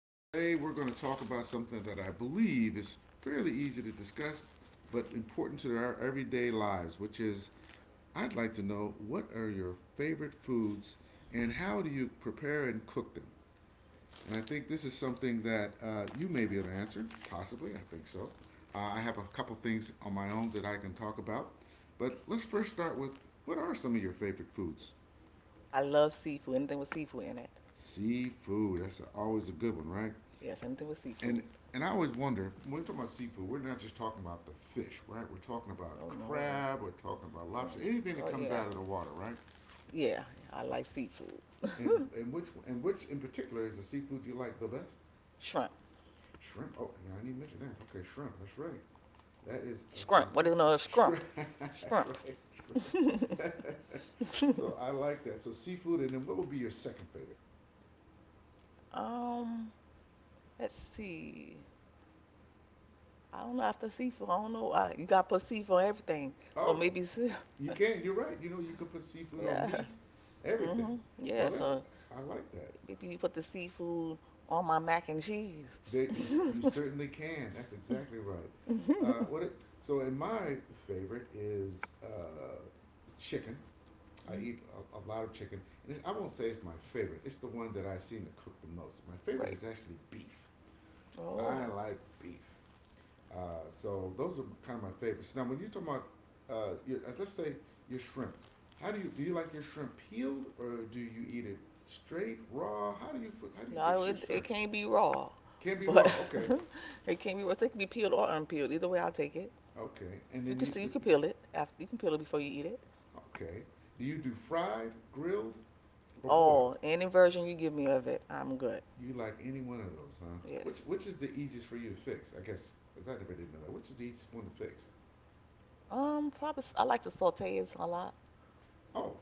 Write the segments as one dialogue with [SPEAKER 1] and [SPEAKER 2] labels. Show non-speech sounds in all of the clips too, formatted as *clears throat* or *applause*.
[SPEAKER 1] Today, we're going to talk about something that I believe is fairly easy to discuss, but important to our everyday lives, which is I'd like to know what are your favorite foods and how do you prepare and cook them? And I think this is something that you may be able to answer, possibly, I think so. I have a couple things on my own that I can talk about, but let's first start with what are some of your favorite foods?
[SPEAKER 2] I love seafood. Anything with seafood in it.
[SPEAKER 1] Seafood. That's always a good one, right?
[SPEAKER 2] Yes, anything with
[SPEAKER 1] And
[SPEAKER 2] seafood.
[SPEAKER 1] and I always wonder when we're talking about seafood, we're not just talking about the fish, right? We're talking about
[SPEAKER 2] Oh no.
[SPEAKER 1] crab. We're talking about lobster.
[SPEAKER 2] Oh.
[SPEAKER 1] Anything that
[SPEAKER 2] Oh
[SPEAKER 1] comes
[SPEAKER 2] yeah.
[SPEAKER 1] out of the water, right?
[SPEAKER 2] Yeah, I like seafood. *laughs*
[SPEAKER 1] And which in particular is the seafood you like the best?
[SPEAKER 2] Shrimp.
[SPEAKER 1] Shrimp. Oh, yeah, I didn't even mention that. Okay, shrimp. That's right. That is some
[SPEAKER 2] Scrump. What
[SPEAKER 1] good
[SPEAKER 2] do you know? Scrump.
[SPEAKER 1] shrimp. *laughs* That's
[SPEAKER 2] Scrump.
[SPEAKER 1] right,
[SPEAKER 2] *laughs*
[SPEAKER 1] shrimp. *laughs* So I like that. So seafood, and then what would be your second favorite?
[SPEAKER 2] Um, let's see. I don't know after seafood. I don't know. You gotta put seafood on everything. So
[SPEAKER 1] Oh,
[SPEAKER 2] maybe,
[SPEAKER 1] you
[SPEAKER 2] *laughs*
[SPEAKER 1] can. You're right. You know, you could put seafood on
[SPEAKER 2] yeah.
[SPEAKER 1] meat, everything.
[SPEAKER 2] Mhm.
[SPEAKER 1] Well,
[SPEAKER 2] Yeah.
[SPEAKER 1] that's
[SPEAKER 2] So
[SPEAKER 1] I like that.
[SPEAKER 2] maybe you put the seafood on my mac and cheese.
[SPEAKER 1] There,
[SPEAKER 2] *laughs*
[SPEAKER 1] you certainly can. That's exactly right. Uh, what it, and my favorite is chicken. I eat a lot of chicken, and it, I won't say it's my favorite. It's the one that I seem to cook the most. My favorite
[SPEAKER 2] Right.
[SPEAKER 1] is actually beef. I
[SPEAKER 2] Oh,
[SPEAKER 1] like beef. So those are kind of my favorites. Now, when you talk about, your, let's say your shrimp, how do? You like your shrimp peeled, or do you eat it straight, raw? How do you
[SPEAKER 2] no,
[SPEAKER 1] fix your
[SPEAKER 2] it
[SPEAKER 1] shrimp?
[SPEAKER 2] can't be raw,
[SPEAKER 1] Can't be
[SPEAKER 2] but
[SPEAKER 1] raw.
[SPEAKER 2] *laughs*
[SPEAKER 1] Okay,
[SPEAKER 2] it can't be raw. So it can be peeled or unpeeled. Either way, I'll take it.
[SPEAKER 1] okay. And
[SPEAKER 2] You
[SPEAKER 1] then
[SPEAKER 2] can see you
[SPEAKER 1] you
[SPEAKER 2] can peel it after you can peel it before you eat it.
[SPEAKER 1] okay. Do you do fried, grilled, or boiled?
[SPEAKER 2] Oh, any version you give me of it, I'm good.
[SPEAKER 1] You like any one of those, huh? Which
[SPEAKER 2] Yes.
[SPEAKER 1] which is the easiest for you to fix? I guess because I never did know that. Which is the easiest one to fix?
[SPEAKER 2] Probably I like to saute it a lot.
[SPEAKER 1] Oh,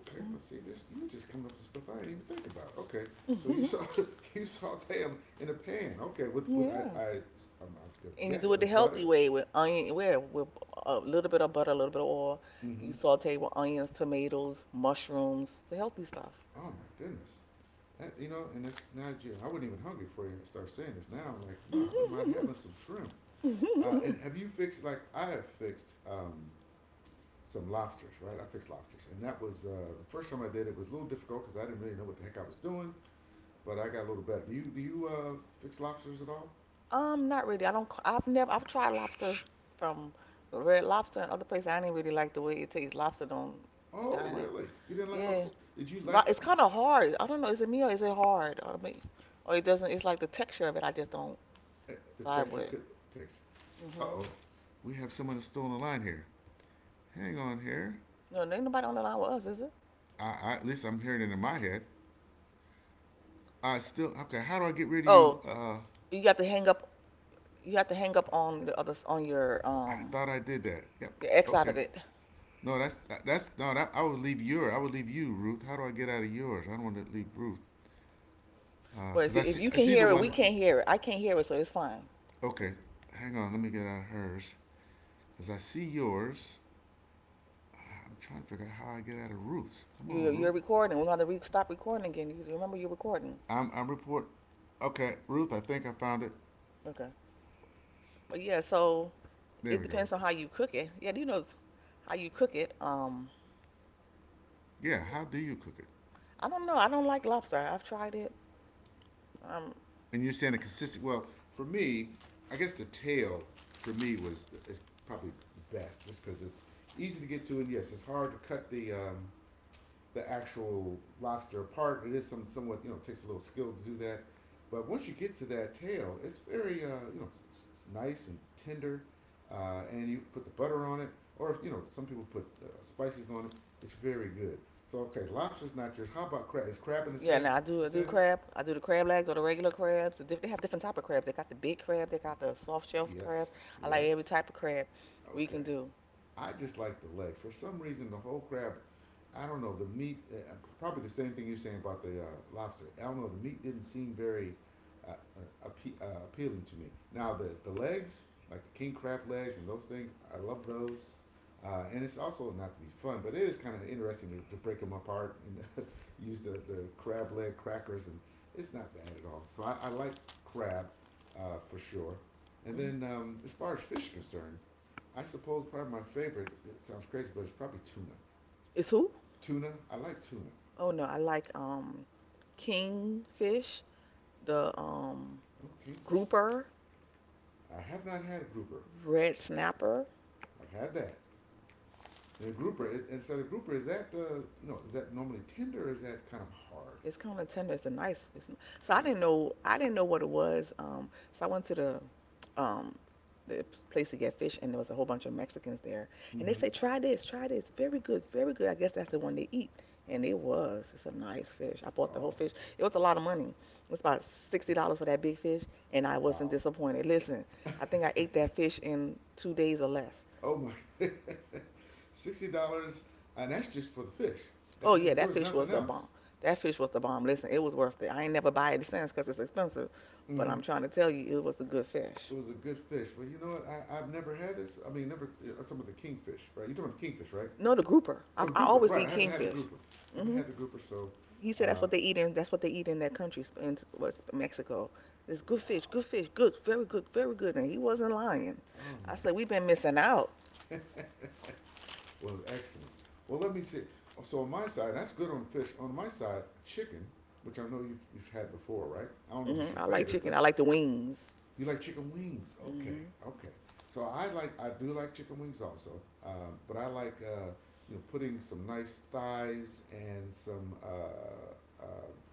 [SPEAKER 1] okay.
[SPEAKER 2] Mm.
[SPEAKER 1] But see, this you just coming up with stuff I didn't even think about. Okay, so you saw,
[SPEAKER 2] *laughs*
[SPEAKER 1] *laughs* you saute them in a pan. Okay, with with I
[SPEAKER 2] Yeah.
[SPEAKER 1] I um, I
[SPEAKER 2] And you do
[SPEAKER 1] guess
[SPEAKER 2] it the
[SPEAKER 1] with butter.
[SPEAKER 2] healthy way with onion, where with a little bit of butter, a little bit of oil. You
[SPEAKER 1] Mm-hmm.
[SPEAKER 2] saute with onions, tomatoes, mushrooms, the healthy stuff.
[SPEAKER 1] Oh my goodness. That, you know, and it's Nigeria. I wasn't even hungry for you. I start saying this now. I'm like, wow, I wouldn't mind having some shrimp. And
[SPEAKER 2] *laughs*
[SPEAKER 1] have you fixed like I have fixed some lobsters, right? I fixed lobsters, and that was the first time I did it. Was a little difficult because I didn't really know what the heck I was doing, but I got a little better. Do you fix lobsters at all?
[SPEAKER 2] Not really. I don't. I've never. I've tried lobster from Red Lobster and other places. I didn't really like the way it tastes. Lobster don't.
[SPEAKER 1] Oh,
[SPEAKER 2] I,
[SPEAKER 1] really? You didn't like
[SPEAKER 2] yeah,
[SPEAKER 1] Oxy? Did you like
[SPEAKER 2] but it's kind of hard. I don't know. Is it me or is it hard? Or me? Or it doesn't. It's like the texture of it. I just don't
[SPEAKER 1] the
[SPEAKER 2] vibe
[SPEAKER 1] texture?
[SPEAKER 2] with.
[SPEAKER 1] Could texture? Uh
[SPEAKER 2] Mhm.
[SPEAKER 1] oh, we have someone that's still on the line here. Hang on here.
[SPEAKER 2] No, there ain't nobody on the line with us, is it?
[SPEAKER 1] I at least I'm hearing it in my head. I still okay. How do I get rid of you?
[SPEAKER 2] Oh, you got to hang up. You have to hang up on the other on your
[SPEAKER 1] I
[SPEAKER 2] um
[SPEAKER 1] thought I did that. Yep.
[SPEAKER 2] your X out
[SPEAKER 1] Okay.
[SPEAKER 2] of it.
[SPEAKER 1] No, that's no. That, I would leave your. I would leave you, Ruth. How do I get out of yours? I don't want to leave Ruth.
[SPEAKER 2] Well, if
[SPEAKER 1] Cause
[SPEAKER 2] you if you
[SPEAKER 1] I
[SPEAKER 2] can
[SPEAKER 1] see the
[SPEAKER 2] hear it, we
[SPEAKER 1] one.
[SPEAKER 2] can't hear it. I can't hear it, so it's fine.
[SPEAKER 1] Okay, hang on. Let me get out of hers. Cause I see yours. I'm trying to figure out how I get out of Ruth's. Come
[SPEAKER 2] You
[SPEAKER 1] on,
[SPEAKER 2] you're
[SPEAKER 1] Ruth.
[SPEAKER 2] recording. We're gonna stop recording again. You remember you're recording.
[SPEAKER 1] I'm report. Okay, Ruth, I think I found it.
[SPEAKER 2] Okay. But yeah, so
[SPEAKER 1] There
[SPEAKER 2] it
[SPEAKER 1] we go.
[SPEAKER 2] depends on how you cook it. Yeah, do you know how you cook it?
[SPEAKER 1] Yeah, how do you cook it?
[SPEAKER 2] I don't know. I don't like lobster. I've tried it. Um,
[SPEAKER 1] And you're saying a consistent. Well, for me, I guess the tail for me was is probably the best, just because it's easy to get to, and yes, it's hard to cut the actual lobster apart. It is some somewhat you know takes a little skill to do that, but once you get to that tail, it's very you know it's nice and tender, and you put the butter on it, or you know some people put spices on it. It's very good. So okay, lobster's not yours. How about crab? Is crab in the
[SPEAKER 2] yeah,
[SPEAKER 1] same
[SPEAKER 2] now I do
[SPEAKER 1] vicinity?
[SPEAKER 2] crab. I do the crab legs or the regular crabs. They have different type of crabs. They got the big crab. They got the soft shell crabs.
[SPEAKER 1] Yes.
[SPEAKER 2] I like every
[SPEAKER 1] Yes.
[SPEAKER 2] type of crab we
[SPEAKER 1] Okay.
[SPEAKER 2] can do.
[SPEAKER 1] I just like the leg. For some reason, the whole crab, I don't know, probably the same thing you're saying about the lobster. I don't know, the meat didn't seem very appealing to me. Now, the legs, like the king crab legs and those things, I love those. And it's also not to be fun, but it is kind of interesting to break them apart and *laughs* use the crab leg crackers, and it's not bad at all. So I like crab for sure. And
[SPEAKER 2] Hmm.
[SPEAKER 1] then as far as fish is concerned, I suppose probably my favorite, it sounds crazy, but it's probably tuna.
[SPEAKER 2] It's who?
[SPEAKER 1] Tuna, I like tuna.
[SPEAKER 2] Oh no, I like kingfish, the
[SPEAKER 1] Oh, kingfish.
[SPEAKER 2] grouper,
[SPEAKER 1] I have not had a grouper.
[SPEAKER 2] red snapper.
[SPEAKER 1] I've had that. And so the grouper, is that, you know, is that normally tender or is that kind of hard?
[SPEAKER 2] It's common tender. It's a nice. So I didn't
[SPEAKER 1] Nice.
[SPEAKER 2] know. I didn't know what it was. So I went to the um the place to get fish, and there was a whole bunch of Mexicans there, and they
[SPEAKER 1] Mm-hmm.
[SPEAKER 2] say try this, very good, very good. I guess that's the one they eat, and it was. It's a nice fish. I bought the whole
[SPEAKER 1] Oh,
[SPEAKER 2] fish. It was a lot of money. It was
[SPEAKER 1] oh,
[SPEAKER 2] about sixty
[SPEAKER 1] it's,
[SPEAKER 2] dollars for that big fish, and I wasn't
[SPEAKER 1] wow.
[SPEAKER 2] disappointed. Listen, I think I ate that fish in 2 days or less.
[SPEAKER 1] Oh my, *laughs* $60, and that's just for the fish.
[SPEAKER 2] Oh yeah,
[SPEAKER 1] There-
[SPEAKER 2] that
[SPEAKER 1] was
[SPEAKER 2] fish
[SPEAKER 1] nothing
[SPEAKER 2] was the
[SPEAKER 1] else.
[SPEAKER 2] bomb. That fish was the bomb. Listen, it was worth it. I ain't never buy it since 'cause it's expensive, but
[SPEAKER 1] Mm-hmm.
[SPEAKER 2] I'm trying to tell you, it was a good
[SPEAKER 1] It
[SPEAKER 2] fish.
[SPEAKER 1] was a good fish. Well, you know what? I've never had this. I mean, never. I'm talking about the kingfish, right? You're talking about the kingfish, right?
[SPEAKER 2] No, the grouper. I,
[SPEAKER 1] Oh, the
[SPEAKER 2] I
[SPEAKER 1] grouper.
[SPEAKER 2] always
[SPEAKER 1] Right.
[SPEAKER 2] eat
[SPEAKER 1] I haven't had the
[SPEAKER 2] kingfish.
[SPEAKER 1] grouper. Haven't
[SPEAKER 2] Mhm.
[SPEAKER 1] had the grouper. So,
[SPEAKER 2] He said
[SPEAKER 1] uh,
[SPEAKER 2] that's what they eat in that country, in was Mexico. It's good fish,
[SPEAKER 1] wow.
[SPEAKER 2] good fish, good, very good, very good. And he wasn't lying.
[SPEAKER 1] Oh
[SPEAKER 2] I
[SPEAKER 1] my.
[SPEAKER 2] said we've been missing out.
[SPEAKER 1] Well, excellent. Well, let me see. Oh, so on my side, that's good on fish. On my side, chicken, which I know you've had before, right? I don't know if it's
[SPEAKER 2] Mhm.
[SPEAKER 1] your
[SPEAKER 2] I like
[SPEAKER 1] favorite,
[SPEAKER 2] chicken.
[SPEAKER 1] but
[SPEAKER 2] I like the wings.
[SPEAKER 1] you like chicken wings? Okay,
[SPEAKER 2] Mhm.
[SPEAKER 1] okay. So I do like chicken wings also, but I like you know putting some nice thighs and some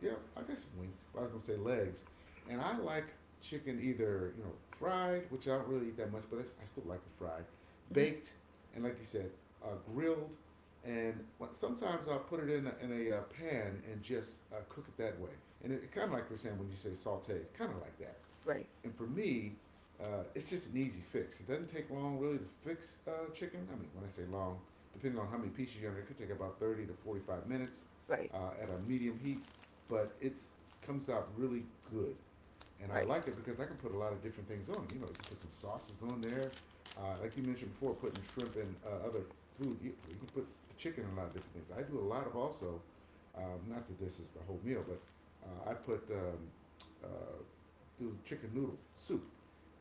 [SPEAKER 1] yeah I guess some wings. But I was gonna say legs, and I like chicken either you know fried, which I don't really eat that much, but I still like it fried,
[SPEAKER 2] Mhm.
[SPEAKER 1] baked, and like you said, uh, grilled, and what- sometimes I'll put it in in a pan and just cook it that way. And it, kind of like we're saying when you say saute, it's kind of like that
[SPEAKER 2] Right.
[SPEAKER 1] and for me, it's just an easy fix. It doesn't take long really to fix chicken. I mean, when I say long, depending on how many pieces you're under, it could take about 30 to 45 minutes
[SPEAKER 2] Right.
[SPEAKER 1] at a medium heat, but it's comes out really good and I
[SPEAKER 2] Right.
[SPEAKER 1] like it because I can put a lot of different things on. You know, you can put some sauces on there. Like you mentioned before, putting shrimp and other food. You can put chicken and a lot of different things. I do a lot of also, not that this is the whole meal, but I put uh, do chicken noodle soup,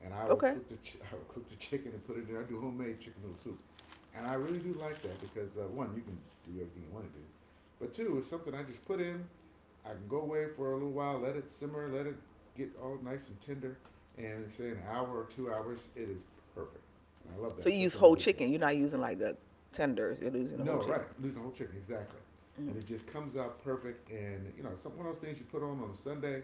[SPEAKER 1] and I will
[SPEAKER 2] Okay.
[SPEAKER 1] cook the ch- *laughs* I will cook the chicken and put it in. I do homemade chicken noodle soup, and I really do like that because one, you can do everything you want to do, but two, it's something I just put in, I can go away for a little while, let it simmer, let it get all nice and tender, and say an hour or 2 hours, it is perfect. And I love that,
[SPEAKER 2] So you use
[SPEAKER 1] especially on the
[SPEAKER 2] whole
[SPEAKER 1] weekend.
[SPEAKER 2] chicken. You're not using like the tenders. You're using the whole
[SPEAKER 1] No, right,
[SPEAKER 2] chicken.
[SPEAKER 1] losing the whole chicken, exactly. And
[SPEAKER 2] Mhm.
[SPEAKER 1] it just comes out perfect, and you know, it's some one of those things you put on a Sunday,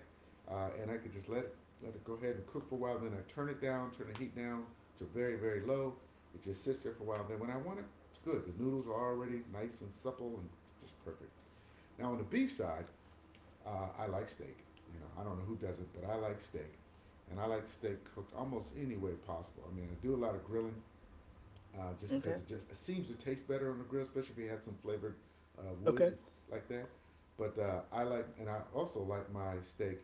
[SPEAKER 1] and I could just let it go ahead and cook for a while. Then I turn it down, turn the heat down to very very low. It just sits there for a while. Then when I want it, it's good. The noodles are already nice and supple, and it's just perfect. Now on the beef side, I like steak. You know, I don't know who doesn't, but I like steak, and I like steak cooked almost any way possible. I mean, I do a lot of grilling, just because
[SPEAKER 2] Okay.
[SPEAKER 1] it just it seems to taste better on the grill, especially if you had some flavored
[SPEAKER 2] Okay.
[SPEAKER 1] wood like that. But I like, and I also like my steak.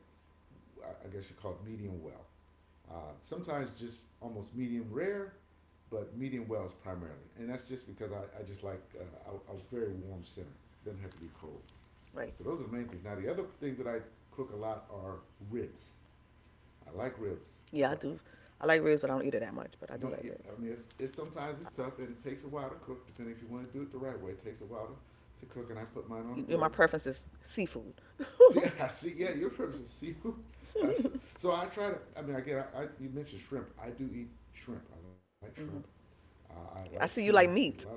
[SPEAKER 1] I guess you call it medium well. Sometimes just almost medium rare, but medium well is primarily, and that's just because I just like a very warm center. Doesn't have to be cold.
[SPEAKER 2] Right.
[SPEAKER 1] So those are the main things. Now the other thing that I cook a lot are ribs. I like ribs,
[SPEAKER 2] Yeah, I
[SPEAKER 1] but
[SPEAKER 2] do. I like ribs, but I don't eat it that much. But I do
[SPEAKER 1] don't.
[SPEAKER 2] like ribs.
[SPEAKER 1] I mean, it's sometimes it's tough and it takes a while to cook. Depending if you want to do it the right way, it takes a while to cook. And I put mine on the
[SPEAKER 2] You know, my
[SPEAKER 1] grill.
[SPEAKER 2] preference is seafood.
[SPEAKER 1] *laughs* See,
[SPEAKER 2] *laughs*
[SPEAKER 1] I see. Yeah, your ribs are seafood. *laughs* Uh, so, so I try to. I mean, again, I you mentioned shrimp. I do eat shrimp. I like shrimp.
[SPEAKER 2] Hmm.
[SPEAKER 1] I like
[SPEAKER 2] I
[SPEAKER 1] tuna.
[SPEAKER 2] see you
[SPEAKER 1] Eat
[SPEAKER 2] like
[SPEAKER 1] a lot of
[SPEAKER 2] meat.
[SPEAKER 1] that.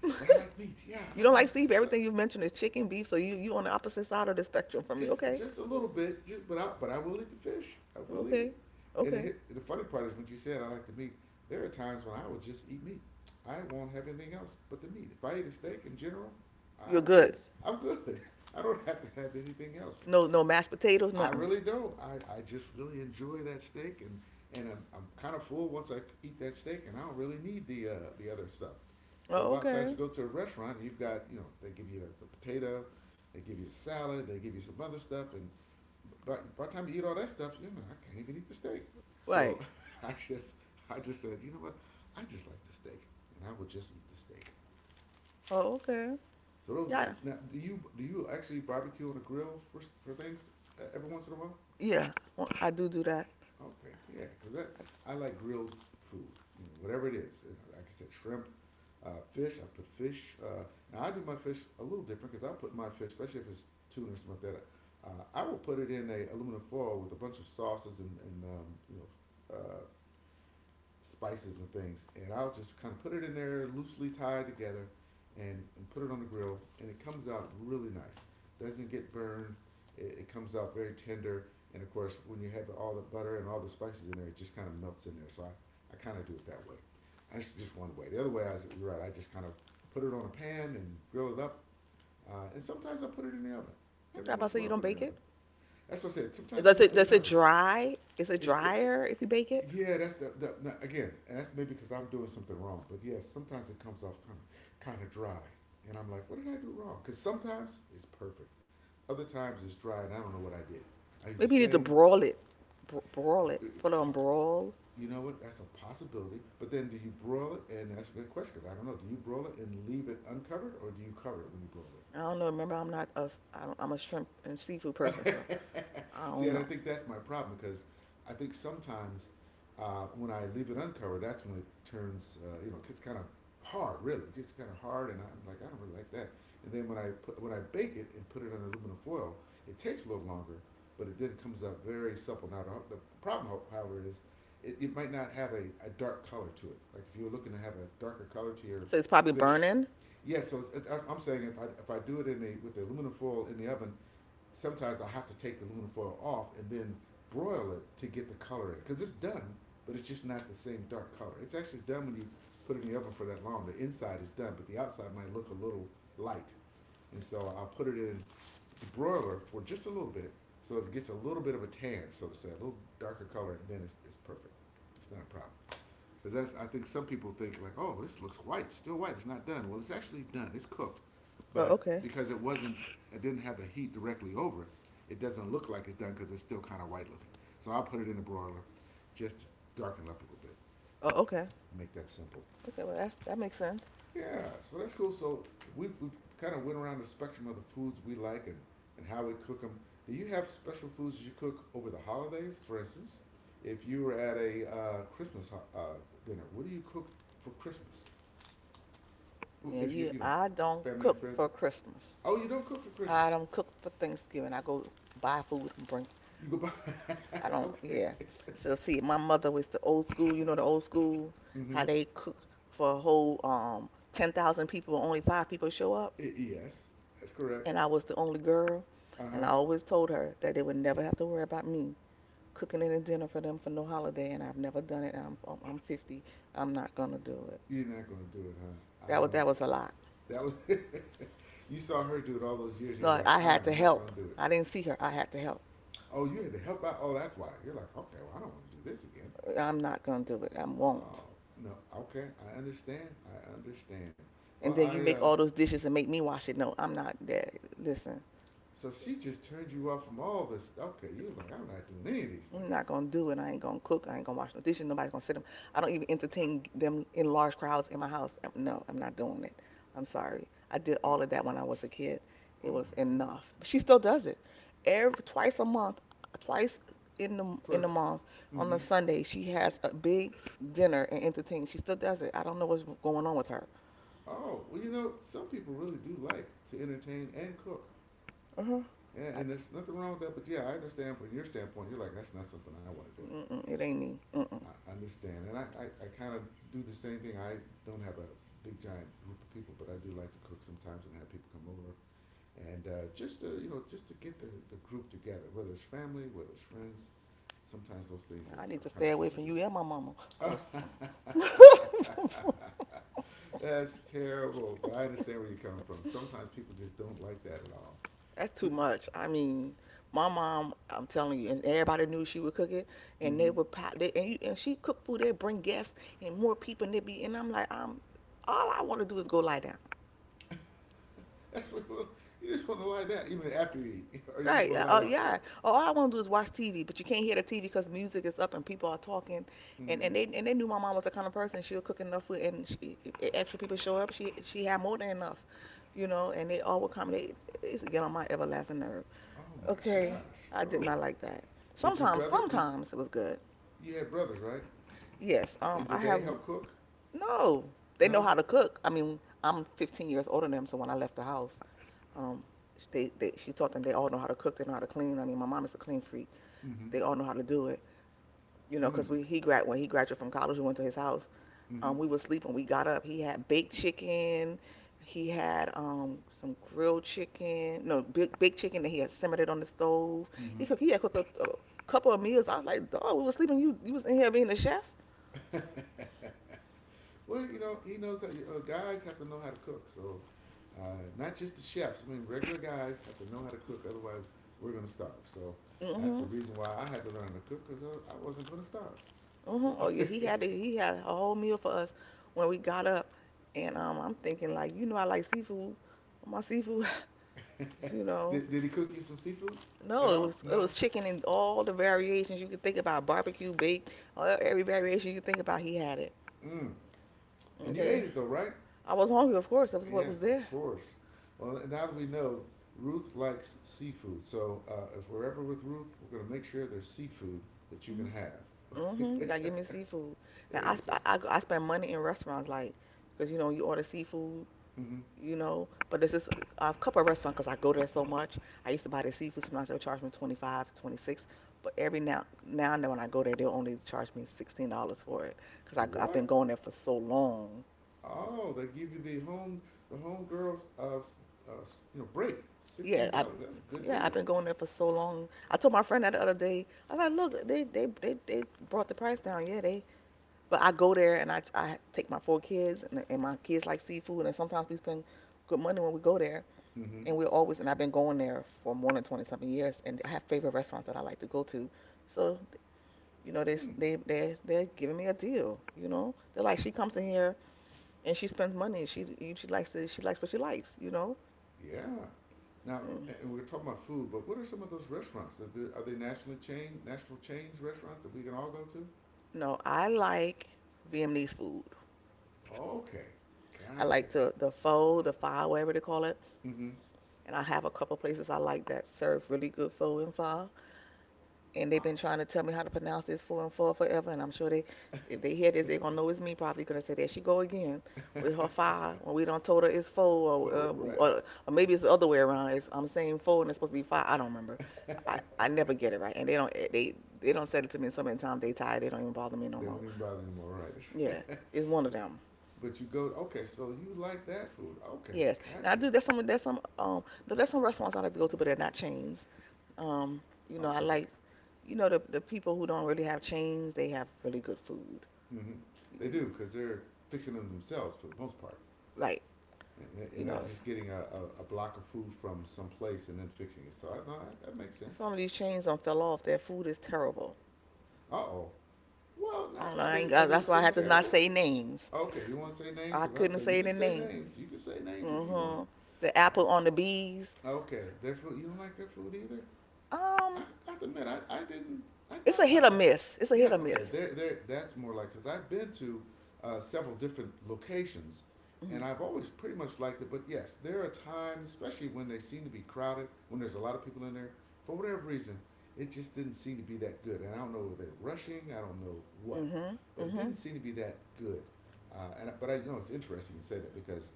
[SPEAKER 1] But I like meat. Yeah, I
[SPEAKER 2] You
[SPEAKER 1] like meat.
[SPEAKER 2] don't like
[SPEAKER 1] So
[SPEAKER 2] seafood. Everything you've mentioned is chicken, beef. So you on the opposite side of the spectrum from me.
[SPEAKER 1] just
[SPEAKER 2] Okay.
[SPEAKER 1] just a little bit. Just but I will eat the fish. I will eat
[SPEAKER 2] Okay.
[SPEAKER 1] it. And it
[SPEAKER 2] Okay.
[SPEAKER 1] hit, the funny part is when you said I like the meat. There are times when I will just eat meat. I won't have anything else but the meat. If I eat a steak in general, I
[SPEAKER 2] You're
[SPEAKER 1] really,
[SPEAKER 2] good.
[SPEAKER 1] I'm good. *laughs* I don't have to have anything else.
[SPEAKER 2] No, no mashed potatoes.
[SPEAKER 1] I
[SPEAKER 2] Nothing.
[SPEAKER 1] really don't. I just really enjoy that steak, and I'm kind of full once I eat that steak, and I don't really need the other stuff. So a
[SPEAKER 2] Oh,
[SPEAKER 1] lot of times
[SPEAKER 2] okay.
[SPEAKER 1] you go to a restaurant and you've got, you know, they give you the potato, they give you a salad, they give you some other stuff, and by the time you eat all that stuff, you know I can't even eat the steak. So
[SPEAKER 2] Right.
[SPEAKER 1] *laughs* I just I just said, you know what, I just like the steak, and I will just eat the steak.
[SPEAKER 2] Oh, okay.
[SPEAKER 1] So those are the,
[SPEAKER 2] Yeah.
[SPEAKER 1] now do you actually barbecue on a grill for things every once in a while?
[SPEAKER 2] Yeah. Well, I do do that.
[SPEAKER 1] Okay, yeah, because
[SPEAKER 2] I,
[SPEAKER 1] I like grilled food, you know, whatever it is. You know, like I said, shrimp, fish. I put fish. Now I do my fish a little different because I put my fish, especially if it's tuna or something like that. I will put it in a aluminum foil with a bunch of sauces and spices and things, and I'll just kind of put it in there loosely tied together, and put it on the grill, and it comes out really nice. Doesn't get burned. It comes out very tender, and of course, when you have all the butter and all the spices in there, it just kind of melts in there. So I kind of do it that way. That's just one way. The other way, I was, you're right. I just kind of put it on a pan and grill it up, and sometimes I put it in the oven. Every
[SPEAKER 2] I about
[SPEAKER 1] once in
[SPEAKER 2] to say
[SPEAKER 1] a
[SPEAKER 2] you
[SPEAKER 1] while, I
[SPEAKER 2] don't
[SPEAKER 1] put it in
[SPEAKER 2] bake
[SPEAKER 1] the oven.
[SPEAKER 2] it.
[SPEAKER 1] That's what I said. Sometimes I
[SPEAKER 2] Does
[SPEAKER 1] do
[SPEAKER 2] it
[SPEAKER 1] put it in
[SPEAKER 2] does
[SPEAKER 1] the
[SPEAKER 2] it
[SPEAKER 1] oven.
[SPEAKER 2] dry? Is it
[SPEAKER 1] It,
[SPEAKER 2] drier if you bake it?
[SPEAKER 1] yeah, that's the now, again, and that's maybe because I'm doing something wrong. But yes, sometimes it comes off kind of dry, and I'm like, what did I do wrong? Because sometimes it's perfect, other times it's dry, and I don't know what I did. I use the
[SPEAKER 2] Maybe you need to
[SPEAKER 1] same.
[SPEAKER 2] brawl it. Broil it, put it on brawl.
[SPEAKER 1] You know what? That's a possibility. But then, do you broil it? And that's a good question because I don't know. Do you broil it and leave it uncovered, or do you cover it when you broil it?
[SPEAKER 2] I don't know. Remember, I'm not a, I don't, I'm a shrimp and seafood person, so
[SPEAKER 1] *laughs*
[SPEAKER 2] I
[SPEAKER 1] See,
[SPEAKER 2] don't
[SPEAKER 1] and I
[SPEAKER 2] know.
[SPEAKER 1] think that's my problem because I think sometimes when I leave it uncovered, that's when it turns, you know, it's kind of hard, really. It's just kind of hard, and I'm like, I don't really like that. And then when I put, when I bake it and put it on aluminum foil, it takes a little longer, but it then comes up very supple. Now the problem, however, is it might not have a dark color to it. Like if you were looking to have a darker color to your
[SPEAKER 2] So it's probably
[SPEAKER 1] fish,
[SPEAKER 2] burning.
[SPEAKER 1] yeah. So it's, I'm saying if I do it in the with the aluminum foil in the oven, sometimes I have to take the aluminum foil off and then broil it to get the color in because it's done, but it's just not the same dark color. It's actually done when you put it in the oven for that long. The inside is done, but the outside might look a little light, and so I'll put it in the broiler for just a little bit so it gets a little bit of a tan, so to say, a little darker color, and then it's perfect. It's not a problem. Because that's I think some people think like, oh, this looks white, it's still white, it's not done. Well, it's actually done, it's cooked,
[SPEAKER 2] Oh,
[SPEAKER 1] but
[SPEAKER 2] okay.
[SPEAKER 1] because it wasn't, it didn't have the heat directly over it, it doesn't look like it's done because it's still kind of white looking. So I'll put it in the broiler, just to darken it up a little bit,
[SPEAKER 2] Oh, okay.
[SPEAKER 1] make that simple.
[SPEAKER 2] Okay, well that makes sense.
[SPEAKER 1] Yeah, so that's cool. So we've kind of went around the spectrum of the foods we like and how we cook them. Do you have special foods that you cook over the holidays? For instance, if you were at a dinner, what do you cook for Christmas?
[SPEAKER 2] Yeah,
[SPEAKER 1] If you,
[SPEAKER 2] you.
[SPEAKER 1] you know,
[SPEAKER 2] I don't
[SPEAKER 1] family and
[SPEAKER 2] cook
[SPEAKER 1] friends.
[SPEAKER 2] for Christmas.
[SPEAKER 1] Oh, you don't cook for Christmas.
[SPEAKER 2] I don't cook for Thanksgiving. I go buy food and bring.
[SPEAKER 1] You go buy.
[SPEAKER 2] I
[SPEAKER 1] *laughs*
[SPEAKER 2] don't.
[SPEAKER 1] Okay.
[SPEAKER 2] Yeah. So see, my mother was the old school. You know the old school
[SPEAKER 1] Mm-hmm.
[SPEAKER 2] how they cook for a whole 10,000 people, only five people show up.
[SPEAKER 1] I yes, that's correct.
[SPEAKER 2] And I was the only girl,
[SPEAKER 1] Uh huh.
[SPEAKER 2] and I always told her that they would never have to worry about me cooking any dinner for them for no holiday, and I've never done it. And I'm 50. I'm not gonna do it.
[SPEAKER 1] You're not gonna do it, huh?
[SPEAKER 2] That
[SPEAKER 1] I
[SPEAKER 2] was
[SPEAKER 1] don't
[SPEAKER 2] that was
[SPEAKER 1] blame
[SPEAKER 2] a lot.
[SPEAKER 1] you. That was *laughs* you saw her do it all those years, and you're
[SPEAKER 2] No,
[SPEAKER 1] like,
[SPEAKER 2] I
[SPEAKER 1] I
[SPEAKER 2] had
[SPEAKER 1] am
[SPEAKER 2] to
[SPEAKER 1] not gonna
[SPEAKER 2] help.
[SPEAKER 1] do it.
[SPEAKER 2] I didn't see her. I had to help.
[SPEAKER 1] Oh, you had to help out. Oh, that's why. You're like, okay, well, I don't want to do this again.
[SPEAKER 2] I'm not gonna do it. I
[SPEAKER 1] Oh
[SPEAKER 2] won't.
[SPEAKER 1] no. Okay, I understand. I understand.
[SPEAKER 2] And
[SPEAKER 1] Well,
[SPEAKER 2] then you
[SPEAKER 1] I
[SPEAKER 2] make
[SPEAKER 1] uh.
[SPEAKER 2] all those dishes and make me wash it. No, I'm not there. Listen.
[SPEAKER 1] So she just turned you off from all this. Okay, you're like, I'm not doing any of these
[SPEAKER 2] I'm not
[SPEAKER 1] things.
[SPEAKER 2] gonna do it. I ain't gonna cook. I ain't gonna wash no dishes. Nobody's gonna sit them. I don't even entertain them in large crowds in my house. No, I'm not doing it. I'm sorry. I did all of that when I was a kid.
[SPEAKER 1] Oh
[SPEAKER 2] It was
[SPEAKER 1] my goodness.
[SPEAKER 2] enough. But she still does it. Every twice a month, twice in the
[SPEAKER 1] Twice.
[SPEAKER 2] month on
[SPEAKER 1] Mm-hmm.
[SPEAKER 2] a Sunday, she has a big dinner and entertains. She still does it. I don't know what's going on with her.
[SPEAKER 1] Oh, well, you know, some people really do like to entertain and cook.
[SPEAKER 2] Uh-huh. I,
[SPEAKER 1] And there's nothing wrong with that. But yeah, I understand from your standpoint, you're like, that's not something I want to do.
[SPEAKER 2] mm-mm, it ain't me. Mm-mm.
[SPEAKER 1] I understand. And I kind of do the same thing. I don't have a big, giant group of people, but I do like to cook sometimes and have people come over. And just to, you know, just to get the group together, whether it's family, whether it's friends, sometimes those things
[SPEAKER 2] I need
[SPEAKER 1] are
[SPEAKER 2] to
[SPEAKER 1] kind
[SPEAKER 2] stay
[SPEAKER 1] of fun
[SPEAKER 2] away
[SPEAKER 1] to
[SPEAKER 2] from you and my mama, cause.
[SPEAKER 1] do. *laughs* That's terrible, but I understand where you're coming from. Sometimes people just don't like that at all.
[SPEAKER 2] That's
[SPEAKER 1] We-
[SPEAKER 2] too much. I mean, my mom, I'm telling you, and everybody knew she would cook it, and they
[SPEAKER 1] mhm.
[SPEAKER 2] would pop and she cooked food. They'd bring guests and more people, and I'm like, I'm all I want to do is go lie down.
[SPEAKER 1] That's what *laughs* you just want to lie down, even after you eat, *laughs* or you just
[SPEAKER 2] Right?
[SPEAKER 1] want to lie
[SPEAKER 2] Oh
[SPEAKER 1] down before.
[SPEAKER 2] yeah. All I want to do is watch TV, but you can't hear the TV because music is up and people are talking, and
[SPEAKER 1] Mhm.
[SPEAKER 2] they knew my mom was the kind of person she would cook enough food, and if extra people show up, she had more than enough, you know, and they all would come. They It used to get on my everlasting nerves.
[SPEAKER 1] Oh my
[SPEAKER 2] Okay,
[SPEAKER 1] gosh!
[SPEAKER 2] I did
[SPEAKER 1] Oh,
[SPEAKER 2] not like that.
[SPEAKER 1] did your
[SPEAKER 2] Sometimes,
[SPEAKER 1] brother? Did
[SPEAKER 2] sometimes it was good.
[SPEAKER 1] you had brothers, right?
[SPEAKER 2] Yes,
[SPEAKER 1] And
[SPEAKER 2] I
[SPEAKER 1] did
[SPEAKER 2] have
[SPEAKER 1] they help cook?
[SPEAKER 2] no. They know
[SPEAKER 1] No.
[SPEAKER 2] how to cook. I mean, I'm 15 years older than them, so when I left the house, um, they she taught them they all know how to cook. They know how to clean. I mean, my mom is a clean freak.
[SPEAKER 1] Mm-hmm.
[SPEAKER 2] They all know how to do it. You know,
[SPEAKER 1] Mm.
[SPEAKER 2] 'cause we he grad when he graduated from college, we went to his house.
[SPEAKER 1] Mm-hmm.
[SPEAKER 2] We were sleeping. We got up. He had baked chicken. He had some grilled chicken. No, big baked chicken that he had simmered it on the stove.
[SPEAKER 1] Mm-hmm.
[SPEAKER 2] He cooked. He had cooked a couple of meals. I was like, dog, we were sleeping. You was in here being a chef.
[SPEAKER 1] Well, you know, he knows that guys have to know how to cook. So, uh, not just the chefs. I mean, regular guys have to know how to cook. Otherwise, we're gonna starve. So, that's the
[SPEAKER 2] Mhm.
[SPEAKER 1] reason why I had to learn to cook because I wasn't gonna starve.
[SPEAKER 2] Mhm. Oh yeah.
[SPEAKER 1] So, *laughs*
[SPEAKER 2] He had a whole meal for us when we got up. And I'm thinking like, I like seafood. My seafood. *laughs* You know,
[SPEAKER 1] did he cook you some seafood at
[SPEAKER 2] no, it
[SPEAKER 1] all?
[SPEAKER 2] was it
[SPEAKER 1] No.
[SPEAKER 2] was chicken and all the variations you could think about, barbecue, baked, every variation you could think about. He had it.
[SPEAKER 1] Mm. And you ate
[SPEAKER 2] Okay.
[SPEAKER 1] it though, right?
[SPEAKER 2] I was hungry, of course. That was what was
[SPEAKER 1] Yes, of
[SPEAKER 2] there.
[SPEAKER 1] course. Well, now that we know, Ruth likes seafood. So, if we're ever with Ruth, we're gonna make sure there's seafood that you can have.
[SPEAKER 2] Mm-hmm. Mm-hmm. You gotta give me seafood. Now
[SPEAKER 1] There
[SPEAKER 2] I,
[SPEAKER 1] you
[SPEAKER 2] sp-
[SPEAKER 1] go.
[SPEAKER 2] I spend money in restaurants, like, cause you know you order seafood,
[SPEAKER 1] Hmm.
[SPEAKER 2] you know. But this is a couple of restaurants, cause I go there so much. I used to buy the seafood. Sometimes they'll charge me 25, 26. But every now and then when I go there, they'll only charge me $16 for it, cause I've
[SPEAKER 1] What?
[SPEAKER 2] been going there for so long.
[SPEAKER 1] Oh, they give you the home girls uh, you know break
[SPEAKER 2] Yeah,
[SPEAKER 1] sixteen dollars. That's a good deal.
[SPEAKER 2] I've been going there for so long. I told my friend that the other day. I was like, look, they brought the price down. Yeah, they but I go there and I take my four kids and, my kids like seafood and sometimes we spend good money when we go there
[SPEAKER 1] Mm-hmm.
[SPEAKER 2] and we're always and I've been going there for more than 20 something years and I have favorite restaurants that I like to go to. So you know they
[SPEAKER 1] Hmm.
[SPEAKER 2] they they they're giving me a deal. You know they're like she comes in here and she spends money. She likes what she likes. You know.
[SPEAKER 1] Yeah. Now,
[SPEAKER 2] Mm.
[SPEAKER 1] and we're talking about food, but what are some of those restaurants? That do, are they national chains restaurants that we can all go to?
[SPEAKER 2] No, I like Vietnamese food.
[SPEAKER 1] Okay,
[SPEAKER 2] I
[SPEAKER 1] gotcha.
[SPEAKER 2] like the pho, the pho, whatever they call it.
[SPEAKER 1] Mm-hmm.
[SPEAKER 2] And I have a couple places I like that serve really good pho and pho. And they've been
[SPEAKER 1] Oh,
[SPEAKER 2] trying to tell me how to pronounce this for forever. And I'm sure they, if they hear this, they're gonna know it's me probably. Cause I said there she go again with her five when we don't told her it's four, or, uh,
[SPEAKER 1] so right.
[SPEAKER 2] or or maybe it's the other way around. I'm saying four and it's supposed to be five. I don't remember. I never get it right, and they don't said it to me so many times. They tired. They don't even bother me no
[SPEAKER 1] They don't
[SPEAKER 2] more.
[SPEAKER 1] even bother anymore, right? *laughs*
[SPEAKER 2] Yeah, it's one of
[SPEAKER 1] But
[SPEAKER 2] them.
[SPEAKER 1] you go okay. So you like that food? Okay,
[SPEAKER 2] Yes. Now I
[SPEAKER 1] gotcha.
[SPEAKER 2] do. There's some. There's some. No, there's some restaurants I like to go to, but they're not chains. Um. You know, I
[SPEAKER 1] Okay.
[SPEAKER 2] like. You know, the people who don't really have chains, they have really good food.
[SPEAKER 1] Mm-hmm. They
[SPEAKER 2] You-
[SPEAKER 1] do because they're fixing them themselves for the most part.
[SPEAKER 2] Like,
[SPEAKER 1] and,
[SPEAKER 2] you
[SPEAKER 1] and
[SPEAKER 2] know,
[SPEAKER 1] not just getting a block of food from some place and then fixing it. So I, no, that- that makes sense.
[SPEAKER 2] some of these chains done fell off. Their food is terrible.
[SPEAKER 1] Uh oh. Well,
[SPEAKER 2] I
[SPEAKER 1] not,
[SPEAKER 2] don't know.
[SPEAKER 1] are
[SPEAKER 2] I
[SPEAKER 1] they
[SPEAKER 2] ain't
[SPEAKER 1] are
[SPEAKER 2] got,
[SPEAKER 1] there
[SPEAKER 2] that's why I
[SPEAKER 1] some
[SPEAKER 2] had to not
[SPEAKER 1] terrible?
[SPEAKER 2] say names.
[SPEAKER 1] Okay, you want to say names?
[SPEAKER 2] I
[SPEAKER 1] Because I
[SPEAKER 2] couldn't
[SPEAKER 1] say you
[SPEAKER 2] say
[SPEAKER 1] can
[SPEAKER 2] the
[SPEAKER 1] say
[SPEAKER 2] name.
[SPEAKER 1] names. You can say names if you want.
[SPEAKER 2] hmm The apple on the
[SPEAKER 1] Uh,
[SPEAKER 2] bees.
[SPEAKER 1] okay, their food. You don't like their food either. I,
[SPEAKER 2] Um,
[SPEAKER 1] I have to admit, I didn't. I
[SPEAKER 2] it's
[SPEAKER 1] thought,
[SPEAKER 2] a hit or miss. It's a hit
[SPEAKER 1] yeah,
[SPEAKER 2] or
[SPEAKER 1] okay,
[SPEAKER 2] miss.
[SPEAKER 1] there, there. That's more like because I've been to several different locations, and
[SPEAKER 2] Mhm.
[SPEAKER 1] I've always pretty much liked it. But yes, there are times, especially when they seem to be crowded, when there's a lot of people in there, for whatever reason, it just didn't seem to be that good. And I don't know if they're rushing, I don't know what,
[SPEAKER 2] Hmm,
[SPEAKER 1] but it
[SPEAKER 2] hmm.
[SPEAKER 1] didn't seem to be that good. And but I, it's interesting you say that because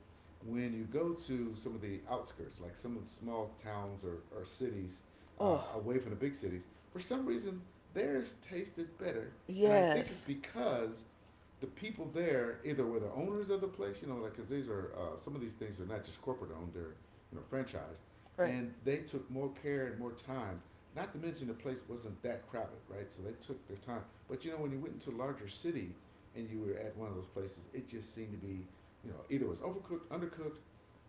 [SPEAKER 1] when you go to some of the outskirts, like some of the small towns or cities
[SPEAKER 2] Oh,
[SPEAKER 1] away from the big cities, for some reason theirs tasted better, and I
[SPEAKER 2] yes.
[SPEAKER 1] think it's because the people there either were the owners of the place, you know, like because these are some of these things are not just corporate owned; they're franchised,
[SPEAKER 2] Right.
[SPEAKER 1] and they took more care and more time. Not to mention the place wasn't that crowded, right? So they took their time. But you know, when you went into a larger city and you were at one of those places, it just seemed to be, you know, either it was overcooked, undercooked,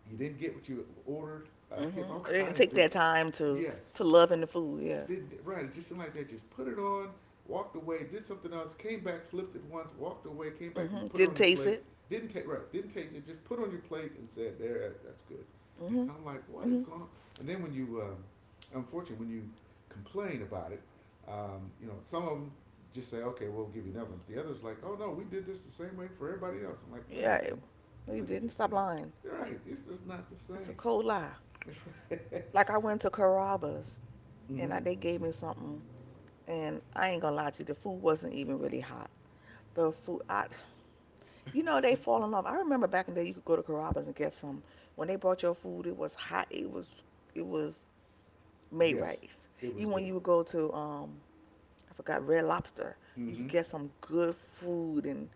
[SPEAKER 1] you didn't get what you ordered, *laughs* you
[SPEAKER 2] hmm
[SPEAKER 1] know, all
[SPEAKER 2] They didn't
[SPEAKER 1] kinds
[SPEAKER 2] take
[SPEAKER 1] of
[SPEAKER 2] their time to
[SPEAKER 1] yes.
[SPEAKER 2] loving the food. Yeah.
[SPEAKER 1] Didn't right? It just seemed like they just put it on, walked away, did something else, came back, flipped it once, walked away, came back and put it
[SPEAKER 2] Didn't
[SPEAKER 1] on your
[SPEAKER 2] taste
[SPEAKER 1] plate.
[SPEAKER 2] it.
[SPEAKER 1] Didn't take right, didn't taste it. Just put it on your plate and said, "There, that's good." And
[SPEAKER 2] Hmm.
[SPEAKER 1] I'm like, "What is
[SPEAKER 2] Hmm.
[SPEAKER 1] going on?" And then when you, unfortunately, when you complain about it, you know, some of them just say, "Okay, we'll give you another one." But the others like, "Oh no, we did this the same way for everybody else." I'm like, "No,
[SPEAKER 2] Yeah.
[SPEAKER 1] you didn't.
[SPEAKER 2] They
[SPEAKER 1] Look at
[SPEAKER 2] didn't.
[SPEAKER 1] this
[SPEAKER 2] Stop
[SPEAKER 1] thing.
[SPEAKER 2] lying.
[SPEAKER 1] You're right. It's just not the
[SPEAKER 2] It's a
[SPEAKER 1] same."
[SPEAKER 2] cold lie.
[SPEAKER 1] *laughs* That's right.
[SPEAKER 2] Like I
[SPEAKER 1] So,
[SPEAKER 2] went to Carrabba's and
[SPEAKER 1] mhm. *laughs*
[SPEAKER 2] they gave me something, and I ain't gonna lie to you, the food wasn't even really hot. The food, they fall in love. I remember back in the day, you could go to Carrabba's and get some. When they brought your food, it was hot. It was made right.
[SPEAKER 1] Yes, it was
[SPEAKER 2] Even when
[SPEAKER 1] good.
[SPEAKER 2] you would go to, I forgot Red Lobster, you
[SPEAKER 1] Mm-hmm.
[SPEAKER 2] could get some good food, and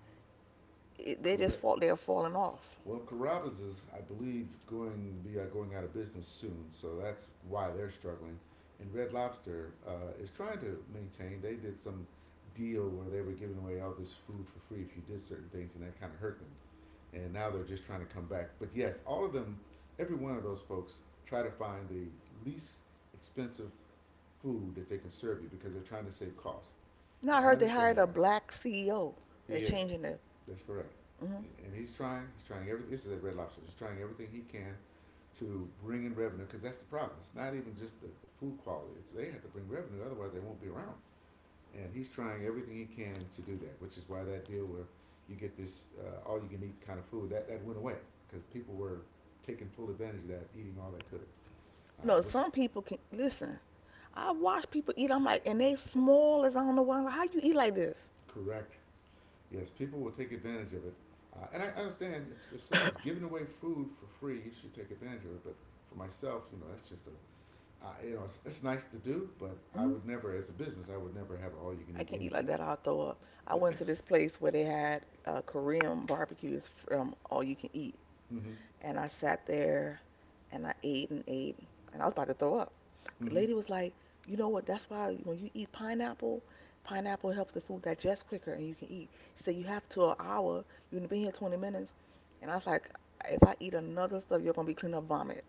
[SPEAKER 2] it, they just
[SPEAKER 1] Correct.
[SPEAKER 2] fall, they're falling off.
[SPEAKER 1] Well, Carrabba's is, I believe, going to be going out of business soon, so that's why they're struggling. And Red Lobster is trying to maintain. They did some deal where they were giving away all this food for free if you did certain things, and that kind of hurt them. And now they're just trying to come back. But yes, all of them, every one of those folks, try to find the least expensive food that they can serve you because they're trying to save costs.
[SPEAKER 2] Now
[SPEAKER 1] And
[SPEAKER 2] I
[SPEAKER 1] I
[SPEAKER 2] heard they
[SPEAKER 1] understand
[SPEAKER 2] hired
[SPEAKER 1] why.
[SPEAKER 2] a black CEO. They're
[SPEAKER 1] He is.
[SPEAKER 2] changing the.
[SPEAKER 1] That's correct.
[SPEAKER 2] hmm
[SPEAKER 1] And he's trying. He's trying everything. This is at Red Lobster. He's trying everything he can to bring in revenue because that's the problem. It's not even just the food quality. It's they have to bring revenue, otherwise they won't be around. And he's trying everything he can to do that, which is why that deal where you get this all you can eat kind of food that went away because people were taking full advantage of that, eating all they could,
[SPEAKER 2] No,
[SPEAKER 1] which
[SPEAKER 2] some people can listen. I watch people eat. I'm like, and they small as I don't know why. I'm like, how you eat like this?
[SPEAKER 1] correct. Yes, people will take advantage of it. And I understand if someone's
[SPEAKER 2] *coughs*
[SPEAKER 1] giving away food for free, you should take advantage of it. But for myself, you know, that's just a, you know, it's nice to do, but I
[SPEAKER 2] Mm,
[SPEAKER 1] would never, as a business, I would never have all you can
[SPEAKER 2] I
[SPEAKER 1] eat
[SPEAKER 2] can't eat like
[SPEAKER 1] anything.
[SPEAKER 2] that. I'll throw up. I went
[SPEAKER 1] Yeah.
[SPEAKER 2] to this place where they had Korean barbecue. It's all you can eat.
[SPEAKER 1] Mm-hmm.
[SPEAKER 2] And I sat there and I ate and ate and I was about to throw up. The
[SPEAKER 1] Mm-hmm.
[SPEAKER 2] lady was like, you know what? That's why when you eat pineapple, pineapple helps the food digest quicker and you can eat. She said, you have to an hour. You've been here 20 minutes. And I was like, if I eat another stuff, you're going to be cleaning up vomit.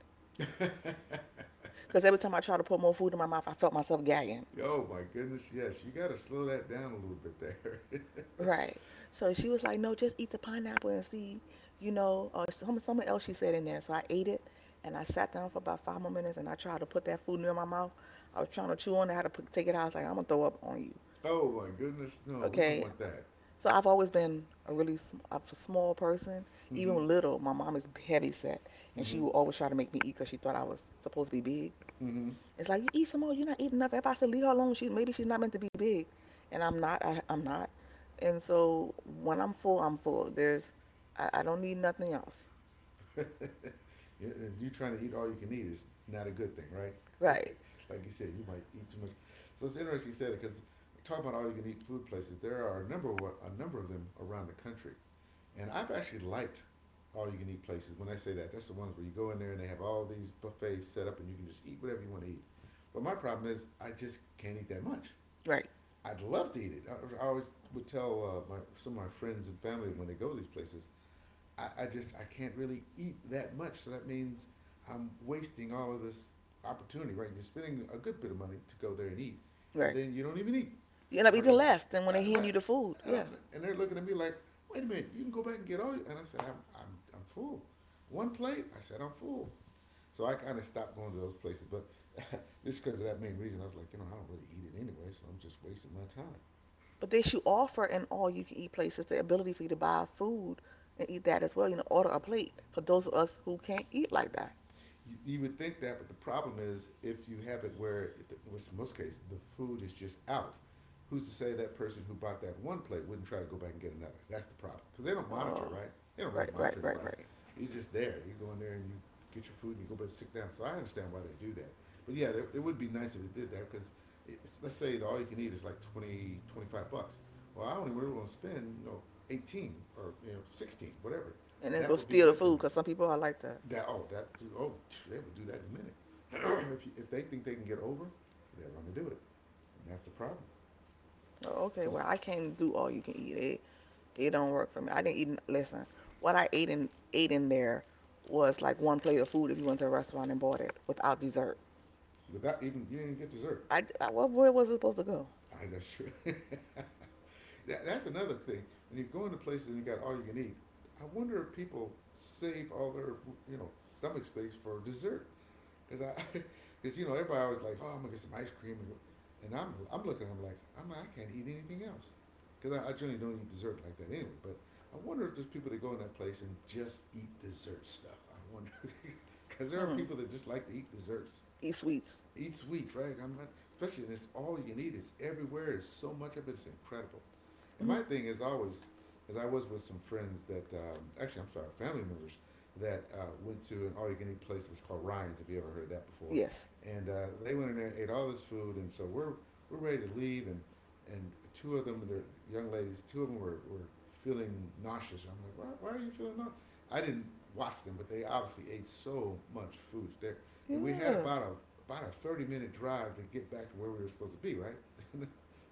[SPEAKER 2] Because every time I tried to put more food in my mouth, I felt myself gagging.
[SPEAKER 1] Oh my goodness, yes, you got to slow that down a little bit there. *laughs*
[SPEAKER 2] Right. So she was like, no, just eat the pineapple and see, you know, or some, something else she said in there. So I ate it and I sat down for about 5 more minutes and I tried to put that food near my mouth. I was trying to chew on it. I had to take it out. I was like, I'm going to throw up on you.
[SPEAKER 1] Oh my goodness, no, we don't
[SPEAKER 2] Okay.
[SPEAKER 1] want that.
[SPEAKER 2] So I've always been a really a small person.
[SPEAKER 1] Mm-hmm.
[SPEAKER 2] Even little, my mom is heavy set and she
[SPEAKER 1] Mm-hmm.
[SPEAKER 2] would always try to make me eat because she thought I was supposed to be big.
[SPEAKER 1] Mm-hmm.
[SPEAKER 2] It's like you eat some more. You're not eating enough. Everybody said leave her alone. She maybe she's not meant to be big, and I'm not. I'm not. And so when I'm full, I'm full. I don't need nothing else.
[SPEAKER 1] *laughs* If you trying to eat all you can eat, is not a good thing, right?
[SPEAKER 2] Right,
[SPEAKER 1] *laughs* Like you said, you might eat too much. So it's interesting you said it because talk about all you can eat food places. There are a number of them around the country, and I've actually liked all you can eat places. When I say that, that's the ones where you go in there and they have all these buffets set up, and you can just eat whatever you want to eat. But my problem is, I just can't eat that much.
[SPEAKER 2] right,
[SPEAKER 1] I'd love to eat it. I always would tell my, some of my friends and family when they go to these places, I just I can't really eat that much. So that means I'm wasting all of this opportunity, right? You're spending a good bit of money to go there and eat, and
[SPEAKER 2] right.
[SPEAKER 1] then you don't even eat
[SPEAKER 2] You end up
[SPEAKER 1] hard
[SPEAKER 2] eating
[SPEAKER 1] enough
[SPEAKER 2] less than when
[SPEAKER 1] there,
[SPEAKER 2] they hand
[SPEAKER 1] right?
[SPEAKER 2] you the food.
[SPEAKER 1] And I'm,
[SPEAKER 2] Yeah,
[SPEAKER 1] and they're looking at me like, wait a minute, you can go back and get all. And I said, I'm I'm full. One plate. I said, I'm full. So I kind of stopped going to those places, but *laughs* just because of that main reason, I was like, you know, I don't really eat it anyway, so I'm just wasting my time.
[SPEAKER 2] but they should offer in all you can eat places the ability for you to buy food and eat that as well. You know, order a plate for those of us who can't eat like that.
[SPEAKER 1] You would think that, but the problem is if you have it where, in most cases, the food is just out. Who's to say that person who bought that one plate wouldn't try to go back and get another? That's the problem because they don't monitor,
[SPEAKER 2] Oh,
[SPEAKER 1] right? They don't really
[SPEAKER 2] right, right,
[SPEAKER 1] monitor
[SPEAKER 2] right,
[SPEAKER 1] anybody.
[SPEAKER 2] right.
[SPEAKER 1] You're just there. You go in there and you get your food and you go back and sit down. So I understand why they do that. But yeah, it would be nice if it did that because let's say the all you can eat is like 20, $25. Well, I only really want to spend you know 18 or you know 16, whatever.
[SPEAKER 2] And then go
[SPEAKER 1] That would be
[SPEAKER 2] steal the
[SPEAKER 1] good for
[SPEAKER 2] food
[SPEAKER 1] me.
[SPEAKER 2] because some people are like that.
[SPEAKER 1] That oh that oh they will do that in a minute. *clears throat* If they think they can get over, they're going to do it. And that's the problem.
[SPEAKER 2] Oh, okay,
[SPEAKER 1] Because
[SPEAKER 2] well I can't do all you can eat. Eh? It don't work for me. I didn't eat. Listen, what I ate in there was like one plate of food if you went to a restaurant and bought it without dessert.
[SPEAKER 1] without even you didn't get dessert.
[SPEAKER 2] I what where was it supposed to go?
[SPEAKER 1] I that's true. *laughs* That's another thing. When you go into places and you got all you can eat, I wonder if people save all their you know stomach space for dessert. Cause I, *laughs* cause you know everybody always like, oh, I'm gonna get some ice cream, and I'm looking, I'm like, I can't eat anything else, cause I generally don't eat dessert like that anyway. But I wonder if there's people that go in that place and just eat dessert stuff. I wonder, *laughs* cause there are
[SPEAKER 2] Hmm.
[SPEAKER 1] people that just like to eat desserts
[SPEAKER 2] Eat sweets.
[SPEAKER 1] eat sweets, right? I'm not, especially and it's all you can eat. It's everywhere. It's so much of it. It's incredible. And
[SPEAKER 2] Hmm.
[SPEAKER 1] my thing is always, as I was with some friends that actually I'm sorry, family members that went to an all you can eat place that was called Ryan's. If you ever heard that before,
[SPEAKER 2] Yes.
[SPEAKER 1] and they went in there, and ate all this food, and so we're ready to leave, and two of them, they're young ladies, two of them were feeling nauseous. I'm like, why are you feeling nauseous? I didn't watch them, but they obviously ate so much food. Their and we had
[SPEAKER 2] Yeah.
[SPEAKER 1] about a 30-minute drive to get back to where we were supposed to be, right? *laughs*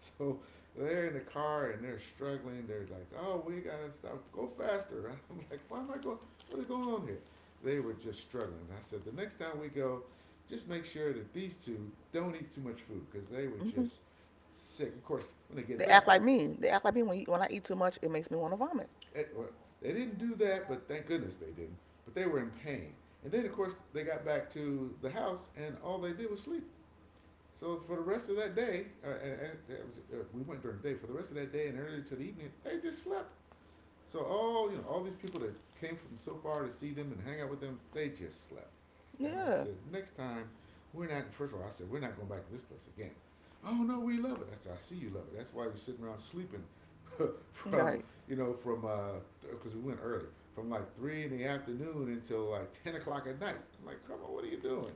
[SPEAKER 1] So they're in the car and they're struggling. They're like, "Oh, we gotta stop, go faster." *laughs* And I'm like, "Why am I going? What is going on here?" They were just struggling. I said, "The next time we go, just make sure that these two don't eat too much food because they were
[SPEAKER 2] hmm
[SPEAKER 1] just sick." Of course, when they get
[SPEAKER 2] They
[SPEAKER 1] back,
[SPEAKER 2] act like me. They act like me when I eat too much, it makes me want to vomit.
[SPEAKER 1] eh, well, they didn't do that, but thank goodness they didn't. But they were in pain. And then, of course, they got back to the house and all they did was sleep. So for the rest of that day, it was, we went during the day. For the rest of that day and early to the evening, they just slept. So all you know, all these people that came from so far to see them and hang out with them, they just slept. And I
[SPEAKER 2] Yeah.
[SPEAKER 1] said, next time, we're not. First of all, I said we're not going back to this place again. Oh no, we love it. I said, I see you love it. That's why you're sitting around sleeping *laughs* from
[SPEAKER 2] Right.
[SPEAKER 1] you know from because we went early from like three in the afternoon until like 10 o'clock at night. I'm like, come on, what are you doing?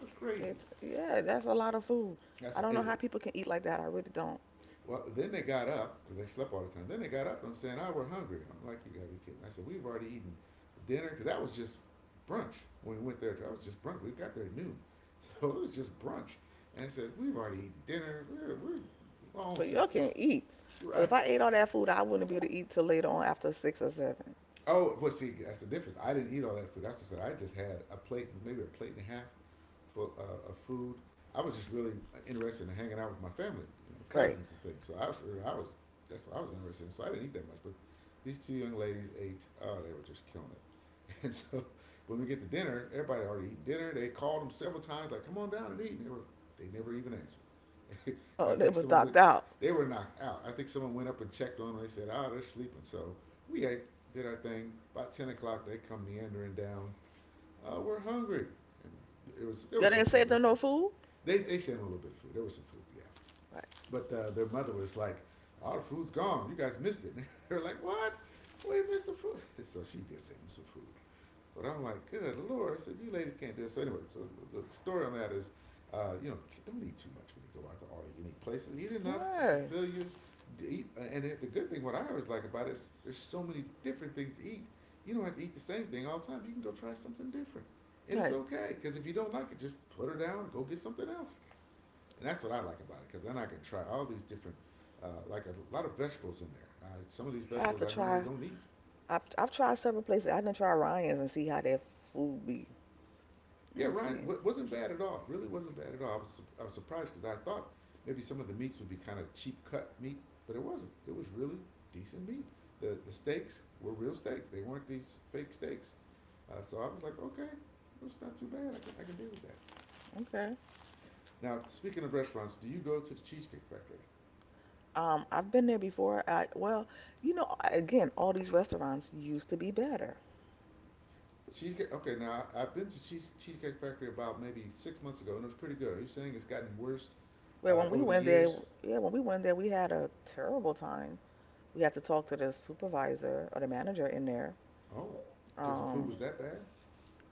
[SPEAKER 1] That's crazy.
[SPEAKER 2] It's yeah. That's a lot of food.
[SPEAKER 1] That's
[SPEAKER 2] I
[SPEAKER 1] a,
[SPEAKER 2] don't know
[SPEAKER 1] and
[SPEAKER 2] how people can eat like that. I really don't.
[SPEAKER 1] Well, then they got up because they slept all the time. Then they got up. And I'm saying, "Oh, we're hungry." I'm like, "You gotta be kidding!" I said, "We've already eaten dinner because that was just brunch when we went there. That was just brunch. We got there at noon, *laughs* so it was just brunch." And I said, "We've already eaten dinner. We're all
[SPEAKER 2] But y'all
[SPEAKER 1] just
[SPEAKER 2] can not eat. 'Cause
[SPEAKER 1] right."
[SPEAKER 2] if I ate all that food, I wouldn't be able to eat till later on after 6 or 7.
[SPEAKER 1] Oh, well, see, that's the difference. I didn't eat all that food. That's what I said. I just had a plate, maybe a plate and a half full of food. I was just really interested in hanging out with my family, and my
[SPEAKER 2] Right.
[SPEAKER 1] cousins and things. I was, that's what I was interested in. So I didn't eat that much. But these two young ladies ate. Oh, they were just killing it. *laughs* And so when we get to dinner, everybody had already eaten dinner. They called them several times, like, "Come on down and eat." They never even answered. *laughs* and I
[SPEAKER 2] Oh, they
[SPEAKER 1] think
[SPEAKER 2] was
[SPEAKER 1] someone went,
[SPEAKER 2] docked out.
[SPEAKER 1] they were knocked out. I think someone went up and checked on them. They said, "Ah, "Oh, they're sleeping." So we ate did our thing. By 10 o'clock, they come meandering down. We're hungry. And there was there
[SPEAKER 2] Y'all
[SPEAKER 1] was some
[SPEAKER 2] didn't
[SPEAKER 1] food
[SPEAKER 2] save
[SPEAKER 1] left
[SPEAKER 2] them
[SPEAKER 1] for
[SPEAKER 2] no
[SPEAKER 1] them.
[SPEAKER 2] food?
[SPEAKER 1] They sent a little bit of food. There was some food, yeah.
[SPEAKER 2] Like,
[SPEAKER 1] But their mother was like, "All the food's gone. You guys missed it." *laughs* And they were like, "What? We missed the food." *laughs* So she did send them some food. But I'm like, good lord! I said, you ladies can't do it. So anyway, so the story on that is, uh, you know, don't eat too much when you go out to all you can eat places. Eat enough to
[SPEAKER 2] right,
[SPEAKER 1] fulfill you. To eat, and the good thing, what I always like about it is, there's so many different things to eat. You don't have to eat the same thing all the time. You can go try something different, and it's
[SPEAKER 2] right.
[SPEAKER 1] okay. Because if you don't like it, just put her down. And Go get something else. And that's what I like about it. Because then I can try all these different, like a lot of vegetables in there. Some of these
[SPEAKER 2] I have
[SPEAKER 1] vegetables
[SPEAKER 2] to
[SPEAKER 1] I normally
[SPEAKER 2] try.
[SPEAKER 1] don't eat.
[SPEAKER 2] I've tried several places. I didn't try Ryan's and see how their food be.
[SPEAKER 1] Yeah,
[SPEAKER 2] And
[SPEAKER 1] Ryan
[SPEAKER 2] see.
[SPEAKER 1] wasn't bad at all. Really wasn't bad at all. I was surprised because I thought maybe some of the meats would be kind of cheap cut meat, but it wasn't. It was really decent meat. The steaks were real steaks. They weren't these fake steaks. So I was like, okay, that's not too bad. I can deal with that.
[SPEAKER 2] Okay.
[SPEAKER 1] Now, speaking of restaurants, do you go to the Cheesecake Factory?
[SPEAKER 2] I've been there before. I well, you know, again, all these restaurants used to be better.
[SPEAKER 1] Cheesecake. Okay, now I've been to Cheesecake Factory about maybe 6 months ago, and it was pretty good. Are you saying it's gotten worse
[SPEAKER 2] Well, when we
[SPEAKER 1] over the
[SPEAKER 2] went there,
[SPEAKER 1] years?
[SPEAKER 2] yeah, when we went there, we had a terrible time. We had to talk to the supervisor or the manager in there.
[SPEAKER 1] Oh, because the food
[SPEAKER 2] Um,
[SPEAKER 1] was that bad?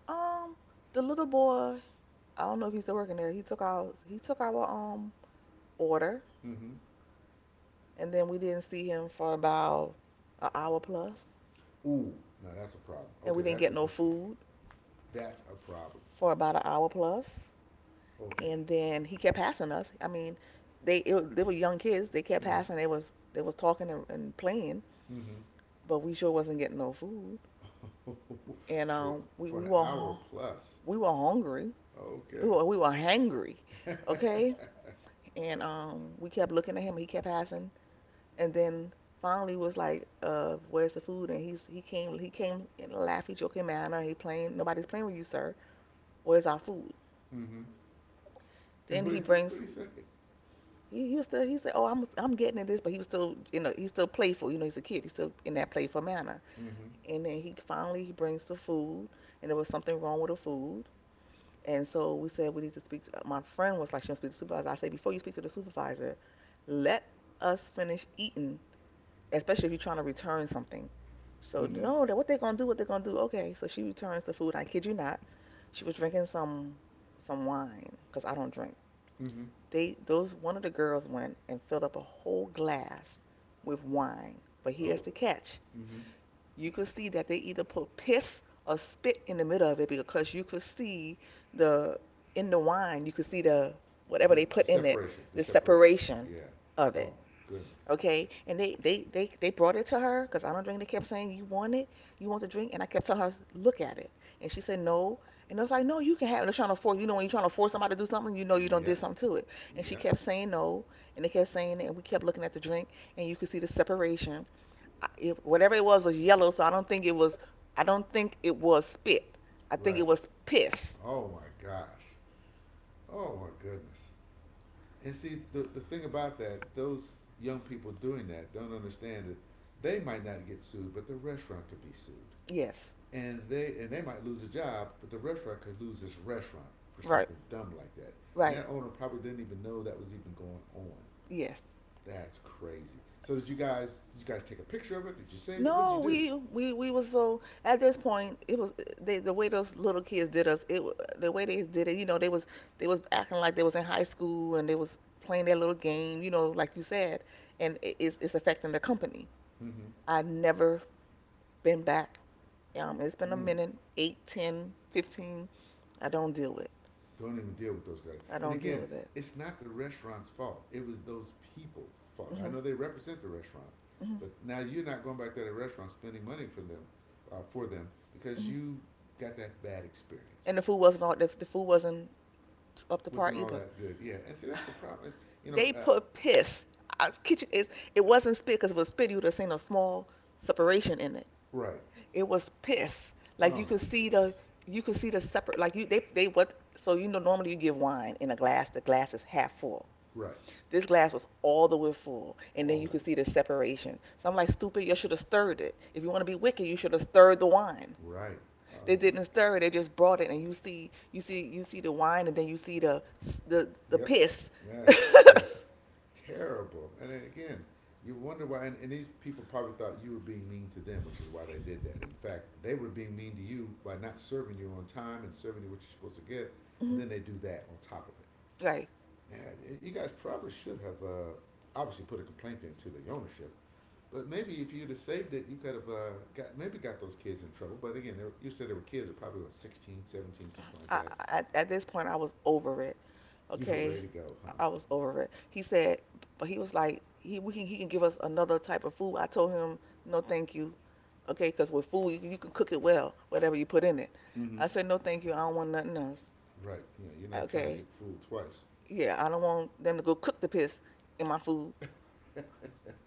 [SPEAKER 2] um, the little boy, I don't know if he's still working there. He took our order,
[SPEAKER 1] Mm-hmm.
[SPEAKER 2] and then we didn't see him for about an hour plus,
[SPEAKER 1] Ooh, now that's a problem.
[SPEAKER 2] and we
[SPEAKER 1] Okay,
[SPEAKER 2] didn't
[SPEAKER 1] that's
[SPEAKER 2] get
[SPEAKER 1] a
[SPEAKER 2] no
[SPEAKER 1] different.
[SPEAKER 2] food
[SPEAKER 1] That's a problem.
[SPEAKER 2] for about an hour plus, plus.
[SPEAKER 1] Okay.
[SPEAKER 2] And then he kept passing us. I mean, they were young kids. They kept
[SPEAKER 1] Mm.
[SPEAKER 2] passing. They was talking and playing,
[SPEAKER 1] Mm-hmm.
[SPEAKER 2] but we sure wasn't getting no food, and
[SPEAKER 1] *laughs* for for an hour plus.
[SPEAKER 2] we were hungry. We
[SPEAKER 1] Okay.
[SPEAKER 2] were we were hangry, okay, and we kept looking at him. He kept passing. And then finally was like, where's the food? And he came in a laughy, joking manner. He playing Nobody's playing with you, sir. Where's our food?
[SPEAKER 1] Mm-hmm. And
[SPEAKER 2] Then he brings
[SPEAKER 1] what do you say?
[SPEAKER 2] he was still he said, Oh, I'm getting at this, but he was still you know, he's still playful, you know, he's a kid, he's still in that playful manner.
[SPEAKER 1] Mm-hmm.
[SPEAKER 2] And then he finally he brings the food, and there was something wrong with the food. And so we said we need to speak. My friend was like, she'll speak to the supervisor. I said, before you speak to the supervisor, let us finish eating, especially if you're trying to return something. So
[SPEAKER 1] Mm-hmm.
[SPEAKER 2] no, that what they gonna do? What they gonna do? Okay, so she returns the food. I kid you not, she was drinking some wine because I don't drink.
[SPEAKER 1] Mm-hmm.
[SPEAKER 2] They those One of the girls went and filled up a whole glass with wine. But here's
[SPEAKER 1] Oh.
[SPEAKER 2] the catch:
[SPEAKER 1] Mm-hmm.
[SPEAKER 2] you could see that they either put piss or spit in the middle of it because you could see the in the wine you could see the whatever they put in it,
[SPEAKER 1] The
[SPEAKER 2] the
[SPEAKER 1] separation.
[SPEAKER 2] separation
[SPEAKER 1] Yeah.
[SPEAKER 2] of
[SPEAKER 1] Oh
[SPEAKER 2] it.
[SPEAKER 1] goodness.
[SPEAKER 2] Okay, and they brought it to her because I don't drink. They kept saying, "You want it? You want the drink?" And I kept telling her, "Look at it," and she said, "No." And I was like, "No, you can have." it." They're trying to force. You know, when you're trying to force somebody to do something, you know you don't did
[SPEAKER 1] Yep.
[SPEAKER 2] something to it. And she
[SPEAKER 1] Yep.
[SPEAKER 2] kept saying no, and they kept saying it, and we kept looking at the drink, and you could see the separation. Whatever it was yellow, so I don't think it was. I don't think it was spit. I think
[SPEAKER 1] Right.
[SPEAKER 2] it was piss.
[SPEAKER 1] Oh my gosh. Oh my goodness. And see, the thing about that, those young people doing that don't understand that they might not get sued, but the restaurant could be sued.
[SPEAKER 2] Yes.
[SPEAKER 1] And they might lose a job, but the restaurant could lose its restaurant for
[SPEAKER 2] Right.
[SPEAKER 1] something dumb like that. And
[SPEAKER 2] Right.
[SPEAKER 1] that owner probably didn't even know that was even going on.
[SPEAKER 2] Yes.
[SPEAKER 1] That's crazy. So did you guys take a picture of it? Did you save it? What
[SPEAKER 2] No,
[SPEAKER 1] did you do?
[SPEAKER 2] we was so at this point it was the way those little kids did us the way they did it you know they was, they was acting like they was in high school and they was playing their little game you know like you said, and it's affecting the company.
[SPEAKER 1] Mm-hmm.
[SPEAKER 2] I never been back. It's been a
[SPEAKER 1] Mm.
[SPEAKER 2] minute, eight, 10, 15. I don't deal with.
[SPEAKER 1] Don't even deal with those guys.
[SPEAKER 2] I
[SPEAKER 1] And
[SPEAKER 2] don't deal
[SPEAKER 1] again,
[SPEAKER 2] with it.
[SPEAKER 1] it's not the restaurant's fault. It was those people's fault. I
[SPEAKER 2] Mhm,
[SPEAKER 1] know they represent the restaurant,
[SPEAKER 2] mhm,
[SPEAKER 1] but now you're not going back to the restaurant spending money for them, for them because
[SPEAKER 2] mhm.
[SPEAKER 1] you got that bad experience.
[SPEAKER 2] And the food wasn't up to par
[SPEAKER 1] Wasn't all
[SPEAKER 2] either.
[SPEAKER 1] that good. Yeah, and see that's the problem. You know,
[SPEAKER 2] They
[SPEAKER 1] uh,
[SPEAKER 2] put piss. Our kitchen is. It wasn't spit because if it was spit, you would have seen a small separation in it.
[SPEAKER 1] right?
[SPEAKER 2] It was piss. Like
[SPEAKER 1] Oh
[SPEAKER 2] you could
[SPEAKER 1] my
[SPEAKER 2] see the.
[SPEAKER 1] goodness,
[SPEAKER 2] You could see the separate. Like you. They. They what. So normally you give wine in a glass. The glass is half full.
[SPEAKER 1] right?
[SPEAKER 2] This glass was all the way full, and
[SPEAKER 1] All
[SPEAKER 2] then you
[SPEAKER 1] of
[SPEAKER 2] could see the separation. So I'm like, stupid. You should have stirred it. If you want to be wicked, you should have stirred the wine.
[SPEAKER 1] it, right? Oh
[SPEAKER 2] They
[SPEAKER 1] my
[SPEAKER 2] didn't
[SPEAKER 1] God.
[SPEAKER 2] stir it. They just brought it, and you see the wine, and then you see the
[SPEAKER 1] Yep,
[SPEAKER 2] piss. *laughs*
[SPEAKER 1] that's just terrible. And then again, you wonder why. And these people probably thought you were being mean to them, which is why they did that. In fact, they were being mean to you by not serving you on time and serving you what you're supposed to get, and
[SPEAKER 2] Mhm.
[SPEAKER 1] then they do that on top of it.
[SPEAKER 2] Right.
[SPEAKER 1] Yeah, you guys probably should have obviously put a complaint into the ownership. But maybe if you'd have saved it, you could have got those kids in trouble. But again, you said they were kids, they were probably what, 16, 17, something like
[SPEAKER 2] I,
[SPEAKER 1] that.
[SPEAKER 2] at this point I was over it.
[SPEAKER 1] You were
[SPEAKER 2] Okay,
[SPEAKER 1] ready to go, huh?
[SPEAKER 2] I was over it. He said, but he was like, he can give us another type of food. I told him no, thank you. Okay, because with food you can cook it well, whatever you put in it.
[SPEAKER 1] Mm-hmm.
[SPEAKER 2] I said no, thank you. I don't want nothing else.
[SPEAKER 1] Right. Yeah, you're not trying to
[SPEAKER 2] Okay,
[SPEAKER 1] get fooled twice.
[SPEAKER 2] yeah, I don't want them to go cook the piss in my food.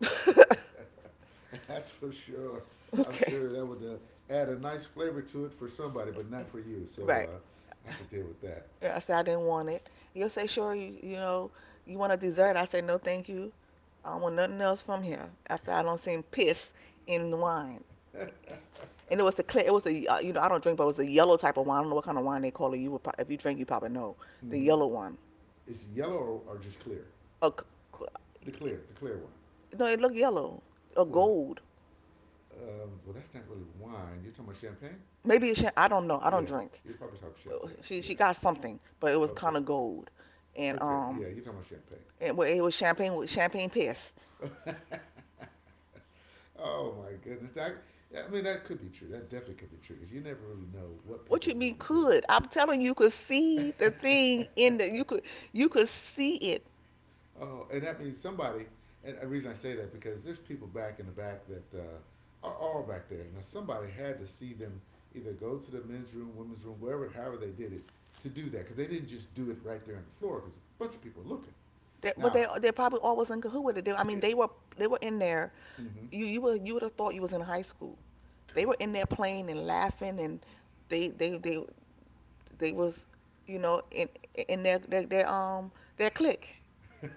[SPEAKER 2] *laughs*
[SPEAKER 1] *laughs* That's for sure. I'm
[SPEAKER 2] Okay,
[SPEAKER 1] sure that would add a nice flavor to it for somebody, but not for you. So
[SPEAKER 2] right.
[SPEAKER 1] I could deal with that.
[SPEAKER 2] Yeah, I said I didn't want it. You'll say, sure, you want a dessert? I say, no, thank you. I don't want nothing else from here. After I don't seen piss in the wine, and it was the clear, it was a, I don't drink, but it was a yellow type of wine. I don't know what kind of wine they call it. You would, if you drink, you probably know the
[SPEAKER 1] Hmm
[SPEAKER 2] yellow one.
[SPEAKER 1] It's yellow or, just clear?
[SPEAKER 2] A, c- c-
[SPEAKER 1] The clear one.
[SPEAKER 2] no, it looked yellow or
[SPEAKER 1] Well,
[SPEAKER 2] gold.
[SPEAKER 1] well, that's not really wine. You're talking about champagne?
[SPEAKER 2] Maybe it should, I don't know. I don't
[SPEAKER 1] Yeah,
[SPEAKER 2] drink.
[SPEAKER 1] you're probably talking champagne.
[SPEAKER 2] But She
[SPEAKER 1] Yeah.
[SPEAKER 2] she got something, but it was
[SPEAKER 1] Okay.
[SPEAKER 2] kind of gold, and
[SPEAKER 1] Okay. Yeah,
[SPEAKER 2] um,
[SPEAKER 1] you're talking about champagne.
[SPEAKER 2] and well, it was champagne with champagne piss.
[SPEAKER 1] *laughs* Oh my goodness. I mean, that could be true. That definitely could be true because you never really know what
[SPEAKER 2] What
[SPEAKER 1] people are
[SPEAKER 2] you mean
[SPEAKER 1] willing to do.
[SPEAKER 2] could? I'm telling you, you could see the thing in the you could see it.
[SPEAKER 1] Oh, and that means somebody. And the reason I say that because there's people back in the back that are all back there. Now somebody had to see them either go to the men's room, women's room, wherever, however they did it, to do that because they didn't just do it right there on the floor because a bunch of people are looking.
[SPEAKER 2] That, but
[SPEAKER 1] Now
[SPEAKER 2] they probably always in cahoot with it. I mean,
[SPEAKER 1] it.
[SPEAKER 2] they were in there.
[SPEAKER 1] Mm-hmm,
[SPEAKER 2] You would have thought you was in high school. They were
[SPEAKER 1] good
[SPEAKER 2] in there playing and laughing, and they they they they was you know in in their clique.
[SPEAKER 1] lord,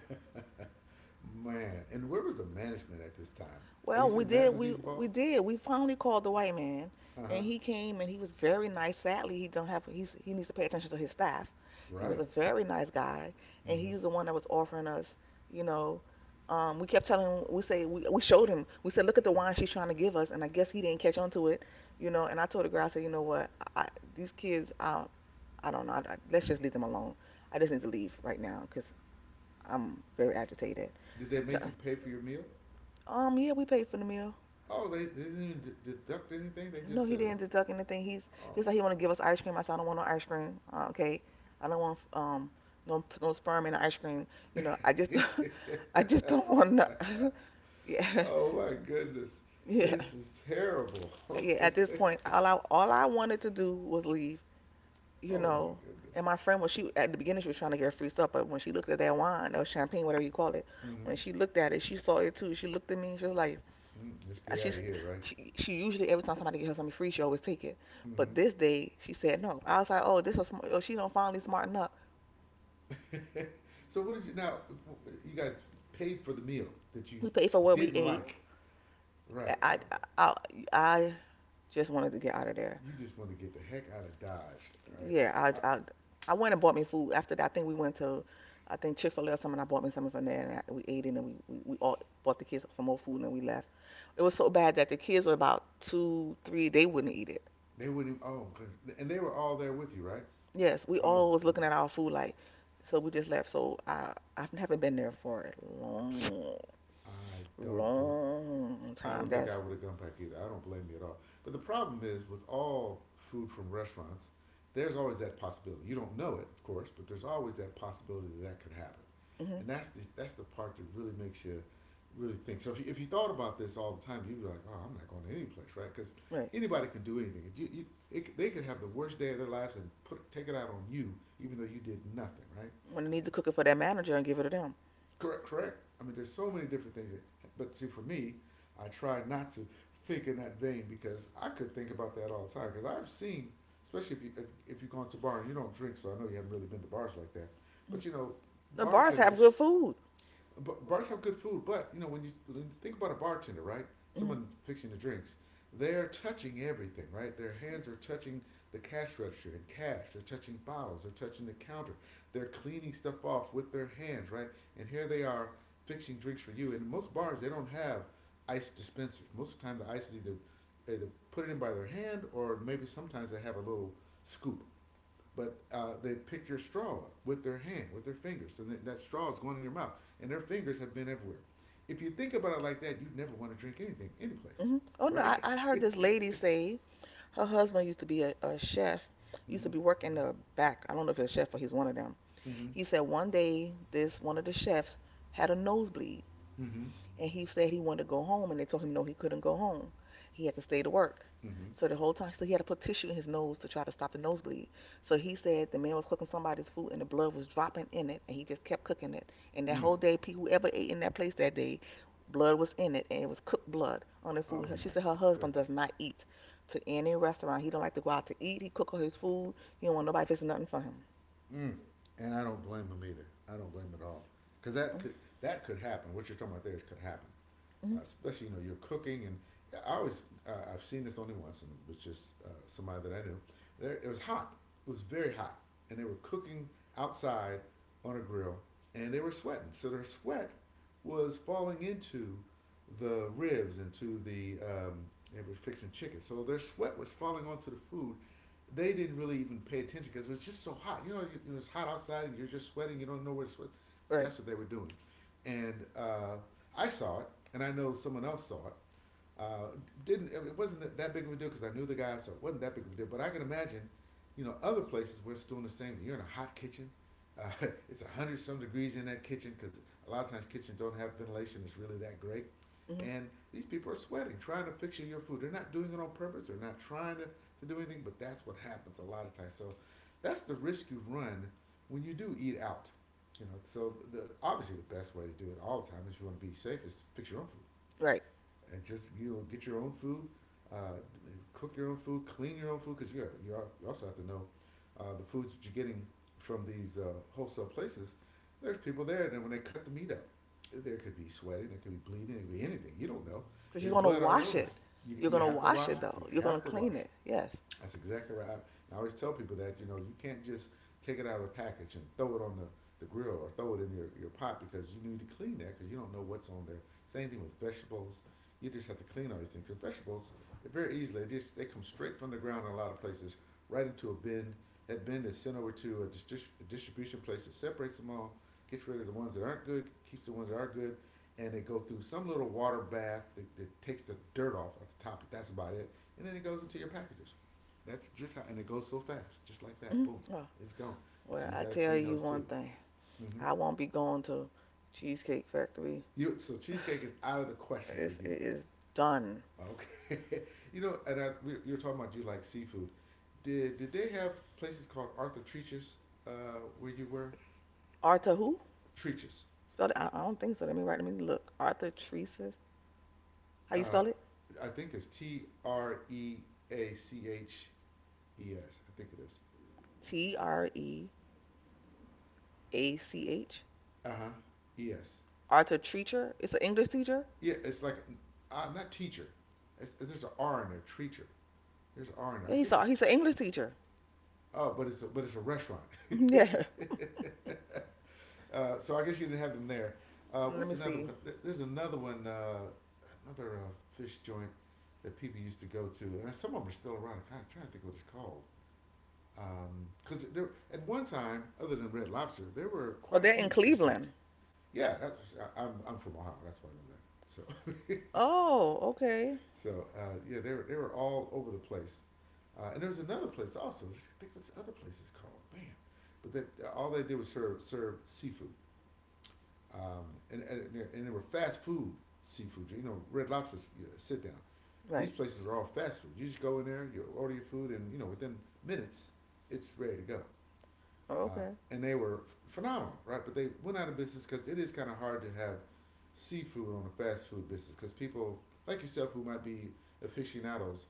[SPEAKER 1] *laughs* man. And where was the management at this time? Are you
[SPEAKER 2] Well, we
[SPEAKER 1] saying
[SPEAKER 2] did.
[SPEAKER 1] management was
[SPEAKER 2] We
[SPEAKER 1] even involved?
[SPEAKER 2] we did. We finally called the white man,
[SPEAKER 1] Uh huh.
[SPEAKER 2] and he came and he was very nice. Sadly, he don't have. He needs to pay attention to his staff. He
[SPEAKER 1] Right.
[SPEAKER 2] was a very nice guy, and he
[SPEAKER 1] Mm-hmm.
[SPEAKER 2] was the one that was offering us. You know, we kept telling him. We showed him. We said, look at the wine she's trying to give us, and I guess he didn't catch on to it. And I told the girl, I said, you know what, I, these kids, I don't know. Let's just leave them alone. I just need to leave right now because I'm very agitated.
[SPEAKER 1] Did they
[SPEAKER 2] So,
[SPEAKER 1] make you pay for your meal?
[SPEAKER 2] yeah, we paid for the meal.
[SPEAKER 1] Oh, they didn't even deduct anything. They
[SPEAKER 2] No,
[SPEAKER 1] just
[SPEAKER 2] he
[SPEAKER 1] said,
[SPEAKER 2] didn't deduct anything. He's
[SPEAKER 1] oh,
[SPEAKER 2] he was like he want to give us ice cream. I said I don't want no ice cream. Okay, I don't want no sperm in the ice cream. I just
[SPEAKER 1] *laughs*
[SPEAKER 2] *laughs* I just don't want no. *laughs* Yeah,
[SPEAKER 1] oh my goodness,
[SPEAKER 2] yeah,
[SPEAKER 1] this is terrible. *laughs*
[SPEAKER 2] yeah. At this point, all I wanted to do was leave. You
[SPEAKER 1] Oh my
[SPEAKER 2] know,
[SPEAKER 1] goodness.
[SPEAKER 2] and my friend was she at the beginning she was trying to get free stuff, but when she looked at that wine or champagne, whatever you call it,
[SPEAKER 1] Mm-hmm.
[SPEAKER 2] when she looked at it, she saw it too. She looked at me. She was like,
[SPEAKER 1] Mm-hmm. Let's
[SPEAKER 2] Uh,
[SPEAKER 1] get out of
[SPEAKER 2] She's
[SPEAKER 1] here, right?
[SPEAKER 2] she usually every time somebody gives her something free, she always take it.
[SPEAKER 1] Mm-hmm.
[SPEAKER 2] But this day she said no. I was like, oh, this is smart. Oh, she don't finally smarten up.
[SPEAKER 1] So what did you now? You guys paid for the meal that you
[SPEAKER 2] We paid for what we
[SPEAKER 1] didn't
[SPEAKER 2] ate.
[SPEAKER 1] like, right?
[SPEAKER 2] I I
[SPEAKER 1] Oh,
[SPEAKER 2] I, I just wanted to get out of there.
[SPEAKER 1] you just want to get the heck out of Dodge, all right?
[SPEAKER 2] Yeah,
[SPEAKER 1] I,
[SPEAKER 2] I went and bought me food. After that, I think we went to I think Chick Fil A or something. And I bought me something from there, and we ate it, and we all bought the kids some more food, and we left. It was so bad that the kids were about two, three. They wouldn't eat it.
[SPEAKER 1] they wouldn't. Even, oh, and they were all there with you, right?
[SPEAKER 2] Yes, we
[SPEAKER 1] Oh
[SPEAKER 2] all was looking at
[SPEAKER 1] goodness,
[SPEAKER 2] our food like, so we just left. So I haven't been there for a long,
[SPEAKER 1] I don't blame
[SPEAKER 2] long
[SPEAKER 1] I
[SPEAKER 2] time.
[SPEAKER 1] don't think
[SPEAKER 2] That's
[SPEAKER 1] I would have gone back either. I don't blame you at all. But the problem is with all food from restaurants, there's always that possibility. You don't know it, of course, but there's always that possibility that that could happen,
[SPEAKER 2] hmm
[SPEAKER 1] and that's the part that really makes you really think. So if you thought about this all the time, you'd be like, oh, I'm not going to any place, right? Because
[SPEAKER 2] right.
[SPEAKER 1] anybody can do anything. They could have the worst day of their lives and put take it out on you, even though you did nothing, right?
[SPEAKER 2] When they need to cook it for their manager and give it to them.
[SPEAKER 1] Correct, correct. I mean, there's so many different things. But see, for me, I try not to think in that vein because I could think about that all the time. Because I've seen, especially if you go into a bar and you don't drink, so I know you haven't really been to bars like that. But you know,
[SPEAKER 2] The bars have
[SPEAKER 1] bartenders
[SPEAKER 2] good food.
[SPEAKER 1] but bars have good food, but you know when you think about a bartender, right?
[SPEAKER 2] hmm
[SPEAKER 1] Someone fixing the drinks, they're touching everything, right? Their hands are touching the cash register and cash. They're touching bottles. They're touching the counter. They're cleaning stuff off with their hands, right? And here they are fixing drinks for you. And most bars they don't have ice dispensers. Most of the time the ice is either put it in by their hand or maybe sometimes they have a little scoop but they pick your straw up with their hand, with their fingers, so that, that straw is going in your mouth, and their fingers have been everywhere. If you think about it like that, you'd never want to drink anything, any place,
[SPEAKER 2] Oh no,
[SPEAKER 1] right?
[SPEAKER 2] I heard
[SPEAKER 1] *laughs*
[SPEAKER 2] this lady say her husband used to be a chef, used to
[SPEAKER 1] mm-hmm,
[SPEAKER 2] be working the back. I don't know if he's a chef or he's one of them.
[SPEAKER 1] mm-hmm,
[SPEAKER 2] He said one day this one of the chefs had a nosebleed
[SPEAKER 1] mm-hmm,
[SPEAKER 2] and he said he wanted to go home, and they told him no, he couldn't go home. He had to stay to work.
[SPEAKER 1] mm-hmm.
[SPEAKER 2] So he had to put tissue in his nose to try to stop the nosebleed. So he said the man was cooking somebody's food, and the blood was dropping in it, and he just kept cooking it. And that
[SPEAKER 1] Mm.
[SPEAKER 2] whole day, whoever ate in that place that day, blood was in it, and it was cooked blood on the food.
[SPEAKER 1] Oh
[SPEAKER 2] She
[SPEAKER 1] my
[SPEAKER 2] said her husband
[SPEAKER 1] goodness.
[SPEAKER 2] does not eat to any restaurant. He don't like to go out to eat. He cook all his food. He don't want nobody fixing nothing for him.
[SPEAKER 1] Mm. And I don't blame them either. I don't blame them at all because that could happen. What you're talking about there is could happen,
[SPEAKER 2] hmm
[SPEAKER 1] especially you know you're cooking and yeah, I always I've seen this only once and it was just somebody that I knew. There it was hot. It was very hot, and they were cooking outside on a grill, and they were sweating. So their sweat was falling into the ribs, into the they were fixing chicken. So their sweat was falling onto the food, they didn't really even pay attention because it was just so hot. You know, was hot outside and you're just sweating. You don't know where to sweat.
[SPEAKER 2] Right.
[SPEAKER 1] That's what they were doing. And I saw it, and I know someone else saw it. Uh, didn't it wasn't that big of a deal because I knew the guy, so it wasn't that big of a deal. But I can imagine, you know, other places where it's doing the same thing. You're in a hot kitchen. *laughs* It's a hundred some degrees in that kitchen because a lot of times kitchens don't have ventilation. It's really that great.
[SPEAKER 2] hmm
[SPEAKER 1] And these people are sweating, trying to fix you your food. They're not doing it on purpose. They're not trying to do anything, but that's what happens a lot of times. So that's the risk you run when you do eat out. You know, so the obviously the best way to do it all the time if you want to be safe is fix your own food
[SPEAKER 2] Right.
[SPEAKER 1] and just you know get your own food, uh, cook your own food, clean your own food because you also have to know the foods that you're getting from these wholesale places. There's people there, and when they cut the meat up, there could be sweating, there could be bleeding, there could be anything. You don't know.
[SPEAKER 2] Because
[SPEAKER 1] There's
[SPEAKER 2] you're going to
[SPEAKER 1] blood already
[SPEAKER 2] wash
[SPEAKER 1] on there.
[SPEAKER 2] it.
[SPEAKER 1] You,
[SPEAKER 2] You're
[SPEAKER 1] you
[SPEAKER 2] going to
[SPEAKER 1] have to
[SPEAKER 2] wash
[SPEAKER 1] wash it.
[SPEAKER 2] it,
[SPEAKER 1] You
[SPEAKER 2] though. You're going
[SPEAKER 1] have
[SPEAKER 2] to
[SPEAKER 1] to wash
[SPEAKER 2] clean it.
[SPEAKER 1] it.
[SPEAKER 2] Yes.
[SPEAKER 1] That's exactly right. I always tell people that you know you can't just take it out of a package and throw it on the grill or throw it in your pot because you need to clean that because you don't know what's on there. Same thing with vegetables. You just have to clean all these things. Because vegetables, very easily, they come straight from the ground in a lot of places right into a bin. That bin is sent over to a distribution place that separates them all, gets rid of the ones that aren't good, keeps the ones that are good, and they go through some little water bath that takes the dirt off of the top. That's about it. And then it goes into your packages. That's just how, and it goes so fast, just like that.
[SPEAKER 2] hmm
[SPEAKER 1] Boom,
[SPEAKER 2] Oh,
[SPEAKER 1] it's gone.
[SPEAKER 2] well,
[SPEAKER 1] So you
[SPEAKER 2] I
[SPEAKER 1] got to
[SPEAKER 2] tell
[SPEAKER 1] clean
[SPEAKER 2] you
[SPEAKER 1] those
[SPEAKER 2] one
[SPEAKER 1] too.
[SPEAKER 2] thing.
[SPEAKER 1] Mm-hmm.
[SPEAKER 2] I won't be going to Cheesecake Factory.
[SPEAKER 1] You so
[SPEAKER 2] *sighs*
[SPEAKER 1] cheesecake is out of the question for you.
[SPEAKER 2] It is done.
[SPEAKER 1] Okay, *laughs* you know, and you were talking about you like seafood. Did they have places called Arthur Treaches uh, where you were?
[SPEAKER 2] Arthur who?
[SPEAKER 1] Treaches.
[SPEAKER 2] Spelled it? I don't think so. Let me write. Let me look. Arthur Treacis. How you
[SPEAKER 1] Uh,
[SPEAKER 2] spell it?
[SPEAKER 1] I think it's Treaches. I think it is.
[SPEAKER 2] T R E A C H.
[SPEAKER 1] Uh huh. E S.
[SPEAKER 2] Arthur Treacher. It's an English teacher.
[SPEAKER 1] Yeah, it's like not teacher. It's, there's an R in there. Treacher. There's an R in there. I
[SPEAKER 2] Yeah, he's
[SPEAKER 1] think
[SPEAKER 2] a,
[SPEAKER 1] it's.
[SPEAKER 2] he's an English teacher.
[SPEAKER 1] Oh, but but it's a restaurant.
[SPEAKER 2] *laughs* Yeah.
[SPEAKER 1] *laughs* So I guess you didn't have them there.
[SPEAKER 2] Let
[SPEAKER 1] What's
[SPEAKER 2] me
[SPEAKER 1] another
[SPEAKER 2] see.
[SPEAKER 1] one? There's another one, another fish joint that people used to go to, and some of them are still around. I'm kind of trying to think what it's called. Because there, at one time, other than Red Lobster, there were
[SPEAKER 2] Oh,
[SPEAKER 1] quite a
[SPEAKER 2] they're in
[SPEAKER 1] few fish joints.
[SPEAKER 2] Cleveland.
[SPEAKER 1] Yeah, that's, I'm from Ohio. That's why I know that. So *laughs*
[SPEAKER 2] Oh, okay.
[SPEAKER 1] So yeah, they were all over the place, and there was another place also. Just think what's the other place is called, man. But that all they did was serve seafood, um, and, and and they were fast food seafood. You know, Red Lobster's you know, sit down. These
[SPEAKER 2] Right.
[SPEAKER 1] places are all fast food. You just go in there, you order your food, and you know within minutes, it's ready to go
[SPEAKER 2] Oh,
[SPEAKER 1] uh,
[SPEAKER 2] okay.
[SPEAKER 1] and they were phenomenal, right? But they went out of business because it is kind of hard to have seafood on a fast food business because people like yourself who might be aficionados,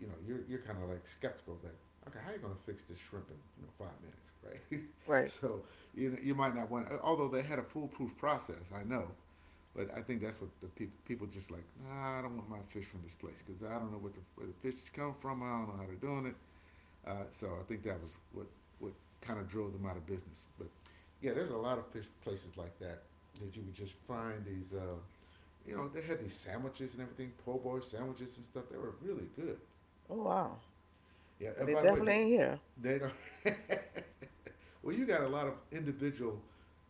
[SPEAKER 1] you know, you're kind of like skeptical, like, okay, how are you gonna fix this shrimp in you know 5 minutes, right? *laughs*
[SPEAKER 2] Right.
[SPEAKER 1] So you know, you might not want, although they had a foolproof process, I know. But I think that's what the people just like. Nah, I don't want my fish from this place because I don't know what the, where the fish come from. I don't know how they're doing it. So I think that was what kind of drove them out of business. But yeah, there's a lot of fish places like that that you would just find these. You know, they had these sandwiches and everything, po' boy sandwiches and stuff. They were really good.
[SPEAKER 2] Oh wow.
[SPEAKER 1] Yeah,
[SPEAKER 2] But
[SPEAKER 1] and
[SPEAKER 2] it
[SPEAKER 1] by the way, do
[SPEAKER 2] definitely
[SPEAKER 1] you-
[SPEAKER 2] ain't here.
[SPEAKER 1] they don't. *laughs* Well, you got a lot of individual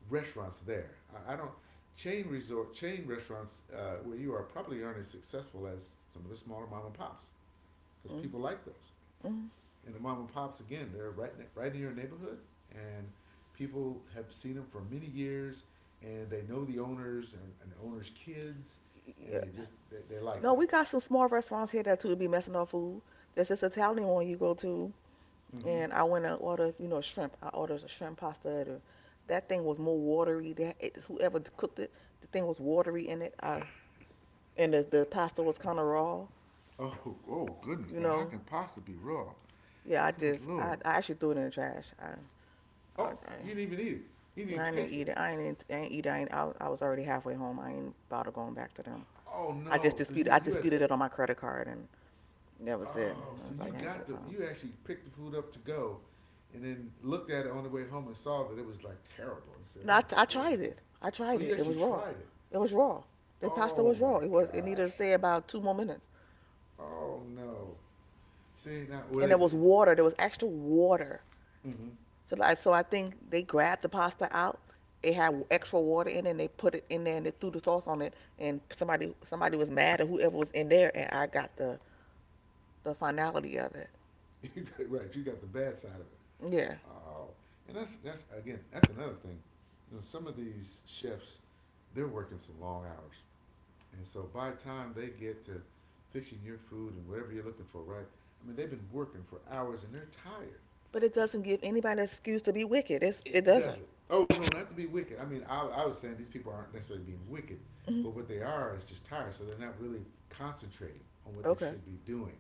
[SPEAKER 1] restaurants there. I don't chain resort chain restaurants where you are probably aren't as successful as some of the smaller mom and pops because people like those
[SPEAKER 2] Mm-hmm.
[SPEAKER 1] and the mom and pops again they're right in your neighborhood and people have seen them for many years and they know the owners and the owners kids and
[SPEAKER 2] Yeah.
[SPEAKER 1] they like
[SPEAKER 2] No,
[SPEAKER 1] that.
[SPEAKER 2] we got some small restaurants here that too be messing up food. There's this Italian one you go to,
[SPEAKER 1] Mm-hmm.
[SPEAKER 2] and I went and ordered, shrimp. I ordered a shrimp pasta. That thing was more watery. Whoever cooked it, the thing was watery in it. And the pasta was kind of raw.
[SPEAKER 1] Oh oh goodness,
[SPEAKER 2] You
[SPEAKER 1] now how
[SPEAKER 2] know.
[SPEAKER 1] can pasta be raw?
[SPEAKER 2] Yeah, I
[SPEAKER 1] Good
[SPEAKER 2] just I,
[SPEAKER 1] lord.
[SPEAKER 2] I actually threw it in the trash. I, I,
[SPEAKER 1] Oh you didn't even
[SPEAKER 2] I
[SPEAKER 1] eat it? You didn't even
[SPEAKER 2] didn't even
[SPEAKER 1] taste it?
[SPEAKER 2] eat it. I ain't eat. It. I ain't. I was already halfway home. I ain't about to going back to them.
[SPEAKER 1] Oh
[SPEAKER 2] I just
[SPEAKER 1] no, so
[SPEAKER 2] disputed.
[SPEAKER 1] you
[SPEAKER 2] I
[SPEAKER 1] you had.
[SPEAKER 2] disputed it on my credit card, and that was it.
[SPEAKER 1] Oh
[SPEAKER 2] I
[SPEAKER 1] so
[SPEAKER 2] was
[SPEAKER 1] you
[SPEAKER 2] like, I ain't
[SPEAKER 1] got
[SPEAKER 2] got
[SPEAKER 1] the
[SPEAKER 2] time.
[SPEAKER 1] you actually picked the food up to go and then looked at it on the way home and saw that it was like terrible and said
[SPEAKER 2] No,
[SPEAKER 1] let me get
[SPEAKER 2] I
[SPEAKER 1] rid of this
[SPEAKER 2] tried
[SPEAKER 1] thing.
[SPEAKER 2] it. I
[SPEAKER 1] Oh
[SPEAKER 2] tried it.
[SPEAKER 1] you
[SPEAKER 2] It
[SPEAKER 1] actually
[SPEAKER 2] was raw.
[SPEAKER 1] tried it.
[SPEAKER 2] It was raw. The pasta
[SPEAKER 1] Oh
[SPEAKER 2] was
[SPEAKER 1] my
[SPEAKER 2] raw. It was. It needed to
[SPEAKER 1] gosh.
[SPEAKER 2] stay about two more minutes,
[SPEAKER 1] Oh no. See now where
[SPEAKER 2] and
[SPEAKER 1] they.
[SPEAKER 2] there was extra water.
[SPEAKER 1] Mm-hmm.
[SPEAKER 2] So like, I think they grabbed the pasta out. It had extra water in it, and they put it in there, and they threw the sauce on it. And somebody was mad at whoever was in there, and I got the finality of it.
[SPEAKER 1] *laughs* You got, right, you got the bad side of it.
[SPEAKER 2] Yeah,
[SPEAKER 1] Oh. And that's again, that's another thing. You know, some of these chefs, they're working some long hours. And so by the time they get to fixing your food and whatever you're looking for, right? I mean, they've been working for hours and they're tired.
[SPEAKER 2] but it doesn't give anybody an excuse to be wicked. It
[SPEAKER 1] It
[SPEAKER 2] doesn't.
[SPEAKER 1] doesn't. Oh no, not to be wicked. I mean, I was saying these people aren't necessarily being wicked,
[SPEAKER 2] hmm
[SPEAKER 1] but what they are is just tired, so they're not really concentrating on what they
[SPEAKER 2] Okay.
[SPEAKER 1] should be doing.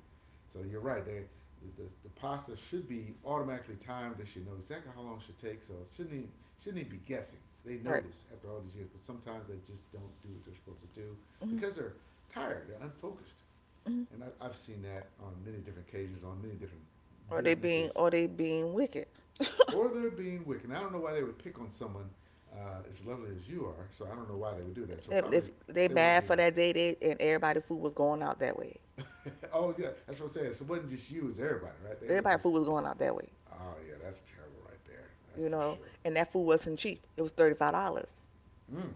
[SPEAKER 1] So you're right. They the pasta should be automatically timed. They should know exactly how long it should take. So it shouldn't even be guessing. They know
[SPEAKER 2] Right.
[SPEAKER 1] this after all these years, but sometimes they just don't do what they're supposed to do
[SPEAKER 2] Mhm,
[SPEAKER 1] because they're tired. They're unfocused,
[SPEAKER 2] mhm.
[SPEAKER 1] and I've seen that on many different occasions on many different
[SPEAKER 2] Or they being
[SPEAKER 1] businesses
[SPEAKER 2] or they being wicked. *laughs*
[SPEAKER 1] or they're being wicked. And I don't know why they would pick on someone as lovely as you are, so I don't know why they would do that. So probably
[SPEAKER 2] If they
[SPEAKER 1] they weren't
[SPEAKER 2] bad
[SPEAKER 1] being.
[SPEAKER 2] for that day, they and everybody food was going out that way.
[SPEAKER 1] *laughs* Oh yeah, that's what I'm saying. So it wasn't just you; it was everybody, right? They were
[SPEAKER 2] Everybody
[SPEAKER 1] just.
[SPEAKER 2] food was going out that way,
[SPEAKER 1] Oh yeah, that's terrible right there. That's
[SPEAKER 2] you
[SPEAKER 1] for
[SPEAKER 2] know.
[SPEAKER 1] sure.
[SPEAKER 2] And that food wasn't cheap. It was $35
[SPEAKER 1] Mm,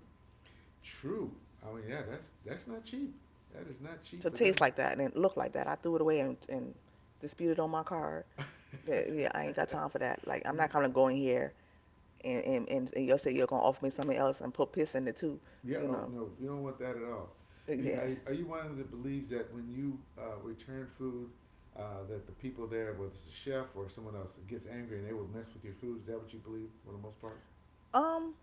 [SPEAKER 1] true. I mean, yeah, that's not cheap. That is not cheap
[SPEAKER 2] to
[SPEAKER 1] for
[SPEAKER 2] taste
[SPEAKER 1] them.
[SPEAKER 2] like that and it looked like that. I threw it away and disputed on my card. Yeah, I ain't got time for that. Like I'm
[SPEAKER 1] *laughs* You,
[SPEAKER 2] not gonna go in here and you'll say you're gonna offer me something else and put piss in it too,
[SPEAKER 1] yeah.
[SPEAKER 2] you
[SPEAKER 1] Oh
[SPEAKER 2] know.
[SPEAKER 1] no, we don't want that at all. The,
[SPEAKER 2] Yeah.
[SPEAKER 1] are you one that believes that when you return food, that the people there, whether it's a chef or someone else, gets angry and they will mess with your food? Is that what you believe for the most part?
[SPEAKER 2] Um.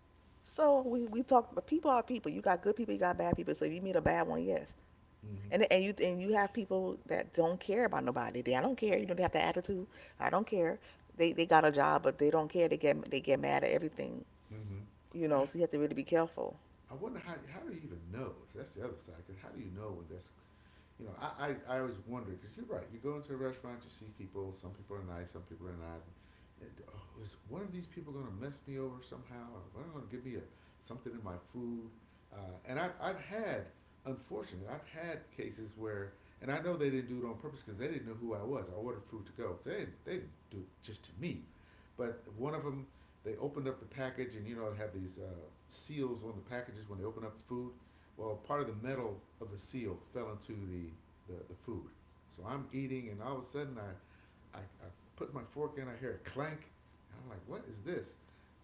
[SPEAKER 2] So we talked, but people are people. You got good people, you got bad people. So if you meet a bad one, yes.
[SPEAKER 1] Mm-hmm.
[SPEAKER 2] And you have people that don't care about nobody. They I don't care. You know they have the attitude. I don't care. They got a job, but they don't care. They get mad at everything.
[SPEAKER 1] Mm-hmm.
[SPEAKER 2] You
[SPEAKER 1] And
[SPEAKER 2] know, so you have to really be careful.
[SPEAKER 1] I wonder how do you even know? That's the other side. Because how do you know when that's you know, I always wonder because you're right. You go into a restaurant, you see people. Some people are nice, some people are not. Oh, is one of these people going to mess me over somehow? Or are they going to give me a, something in my food? Uh, and I've had, unfortunately, I've had cases where, and I know they didn't do it on purpose because they didn't know who I was. I ordered food to go. So they didn't, they didn't do it just to me. But one of them, they opened up the package and, you know, they have these seals on the packages when they open up the food well, part of the metal of the seal fell into the food. So I'm eating, and all of a sudden I put my fork in, I hear a clank, and I'm like, what is this?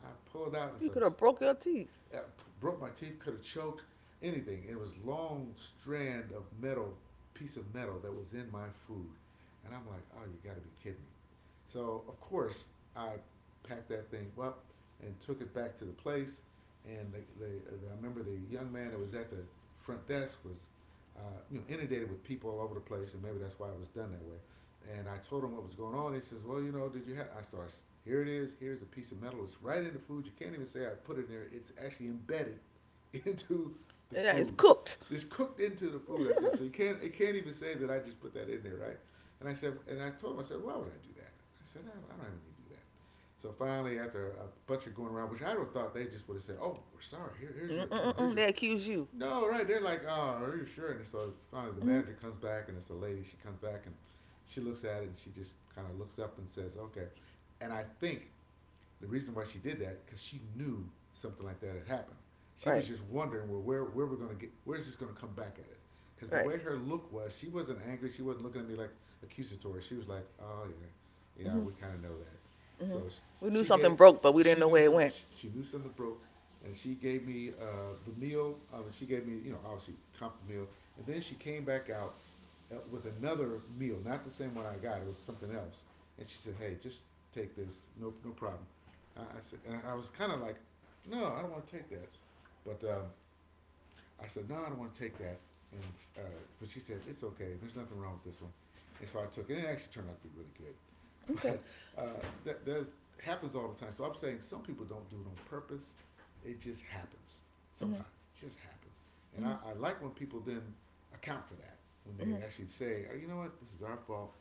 [SPEAKER 1] I pull it out, and it's
[SPEAKER 2] You could have broke your teeth.
[SPEAKER 1] I broke my teeth, could have choked, anything. It was long strand of metal, piece of metal that was in my food, and I'm like, oh, you got to be kidding me. So of course I packed that thing up and took it back to the place, and the I remember the young man that was at the front desk was, you know, inundated with people all over the place, and maybe that's why it was done that way and I told him what was going on. He says, "Well, you know, did you have?" I saw, "Here it is. Here's a piece of metal. It's right in the food. You can't even say I put it in there. It's actually embedded *laughs* into the
[SPEAKER 2] Yeah, it's
[SPEAKER 1] food.
[SPEAKER 2] cooked.
[SPEAKER 1] "It's cooked into the food." I said, "So you
[SPEAKER 2] *laughs*
[SPEAKER 1] can't. It can't even say that I just put that in there, right?" And I told him, I said, "Why would I do that?" I said, "I don't have anything to do that." So finally, after a bunch of going around, which I would have thought they just would have said, "Oh, we're sorry. Here, here's your, you know, here's
[SPEAKER 2] Mm-mm-mm-mm,
[SPEAKER 1] your
[SPEAKER 2] they accuse you.
[SPEAKER 1] no, right. They're like, oh, are you sure?" And so finally the
[SPEAKER 2] hmm
[SPEAKER 1] manager comes back and it's a lady. She comes back and she looks at it and she just kind of looks up and says, "Okay." And I think the reason why she did that, because she knew something like that had happened. She
[SPEAKER 2] Right,
[SPEAKER 1] was just wondering, well, where we're going to get, where's this going to come back at us? Because the
[SPEAKER 2] right.
[SPEAKER 1] way her look was, she wasn't angry. She wasn't looking at me like accusatory. She was like, oh, yeah, yeah,
[SPEAKER 2] hmm
[SPEAKER 1] we kind of know that.
[SPEAKER 2] hmm
[SPEAKER 1] So
[SPEAKER 2] We knew
[SPEAKER 1] she gave,
[SPEAKER 2] something broke, but we didn't
[SPEAKER 1] she
[SPEAKER 2] know
[SPEAKER 1] knew
[SPEAKER 2] where it
[SPEAKER 1] some,
[SPEAKER 2] went.
[SPEAKER 1] she knew something broke and she gave me the meal. I mean, she gave me, you know, obviously comped the meal, and then she came back out with another meal, not the same one I got. It was something else, and she said, "Hey, just take this. No, no problem." I said, and I was kind of like, "No, I don't want to take that," but I said, no, I don't want to take that. And uh, but she said, it's okay. There's nothing wrong with this one. And so I took it. And it actually turned out to be really good. *laughs*
[SPEAKER 2] Okay.
[SPEAKER 1] But that there's happens all the time. So I'm saying some people don't do it on purpose. It just happens
[SPEAKER 2] hmm
[SPEAKER 1] sometimes. It just happens. And I,
[SPEAKER 2] hmm
[SPEAKER 1] I like when people then account for that when they
[SPEAKER 2] hmm
[SPEAKER 1] actually say, oh, you know what, this is our fault,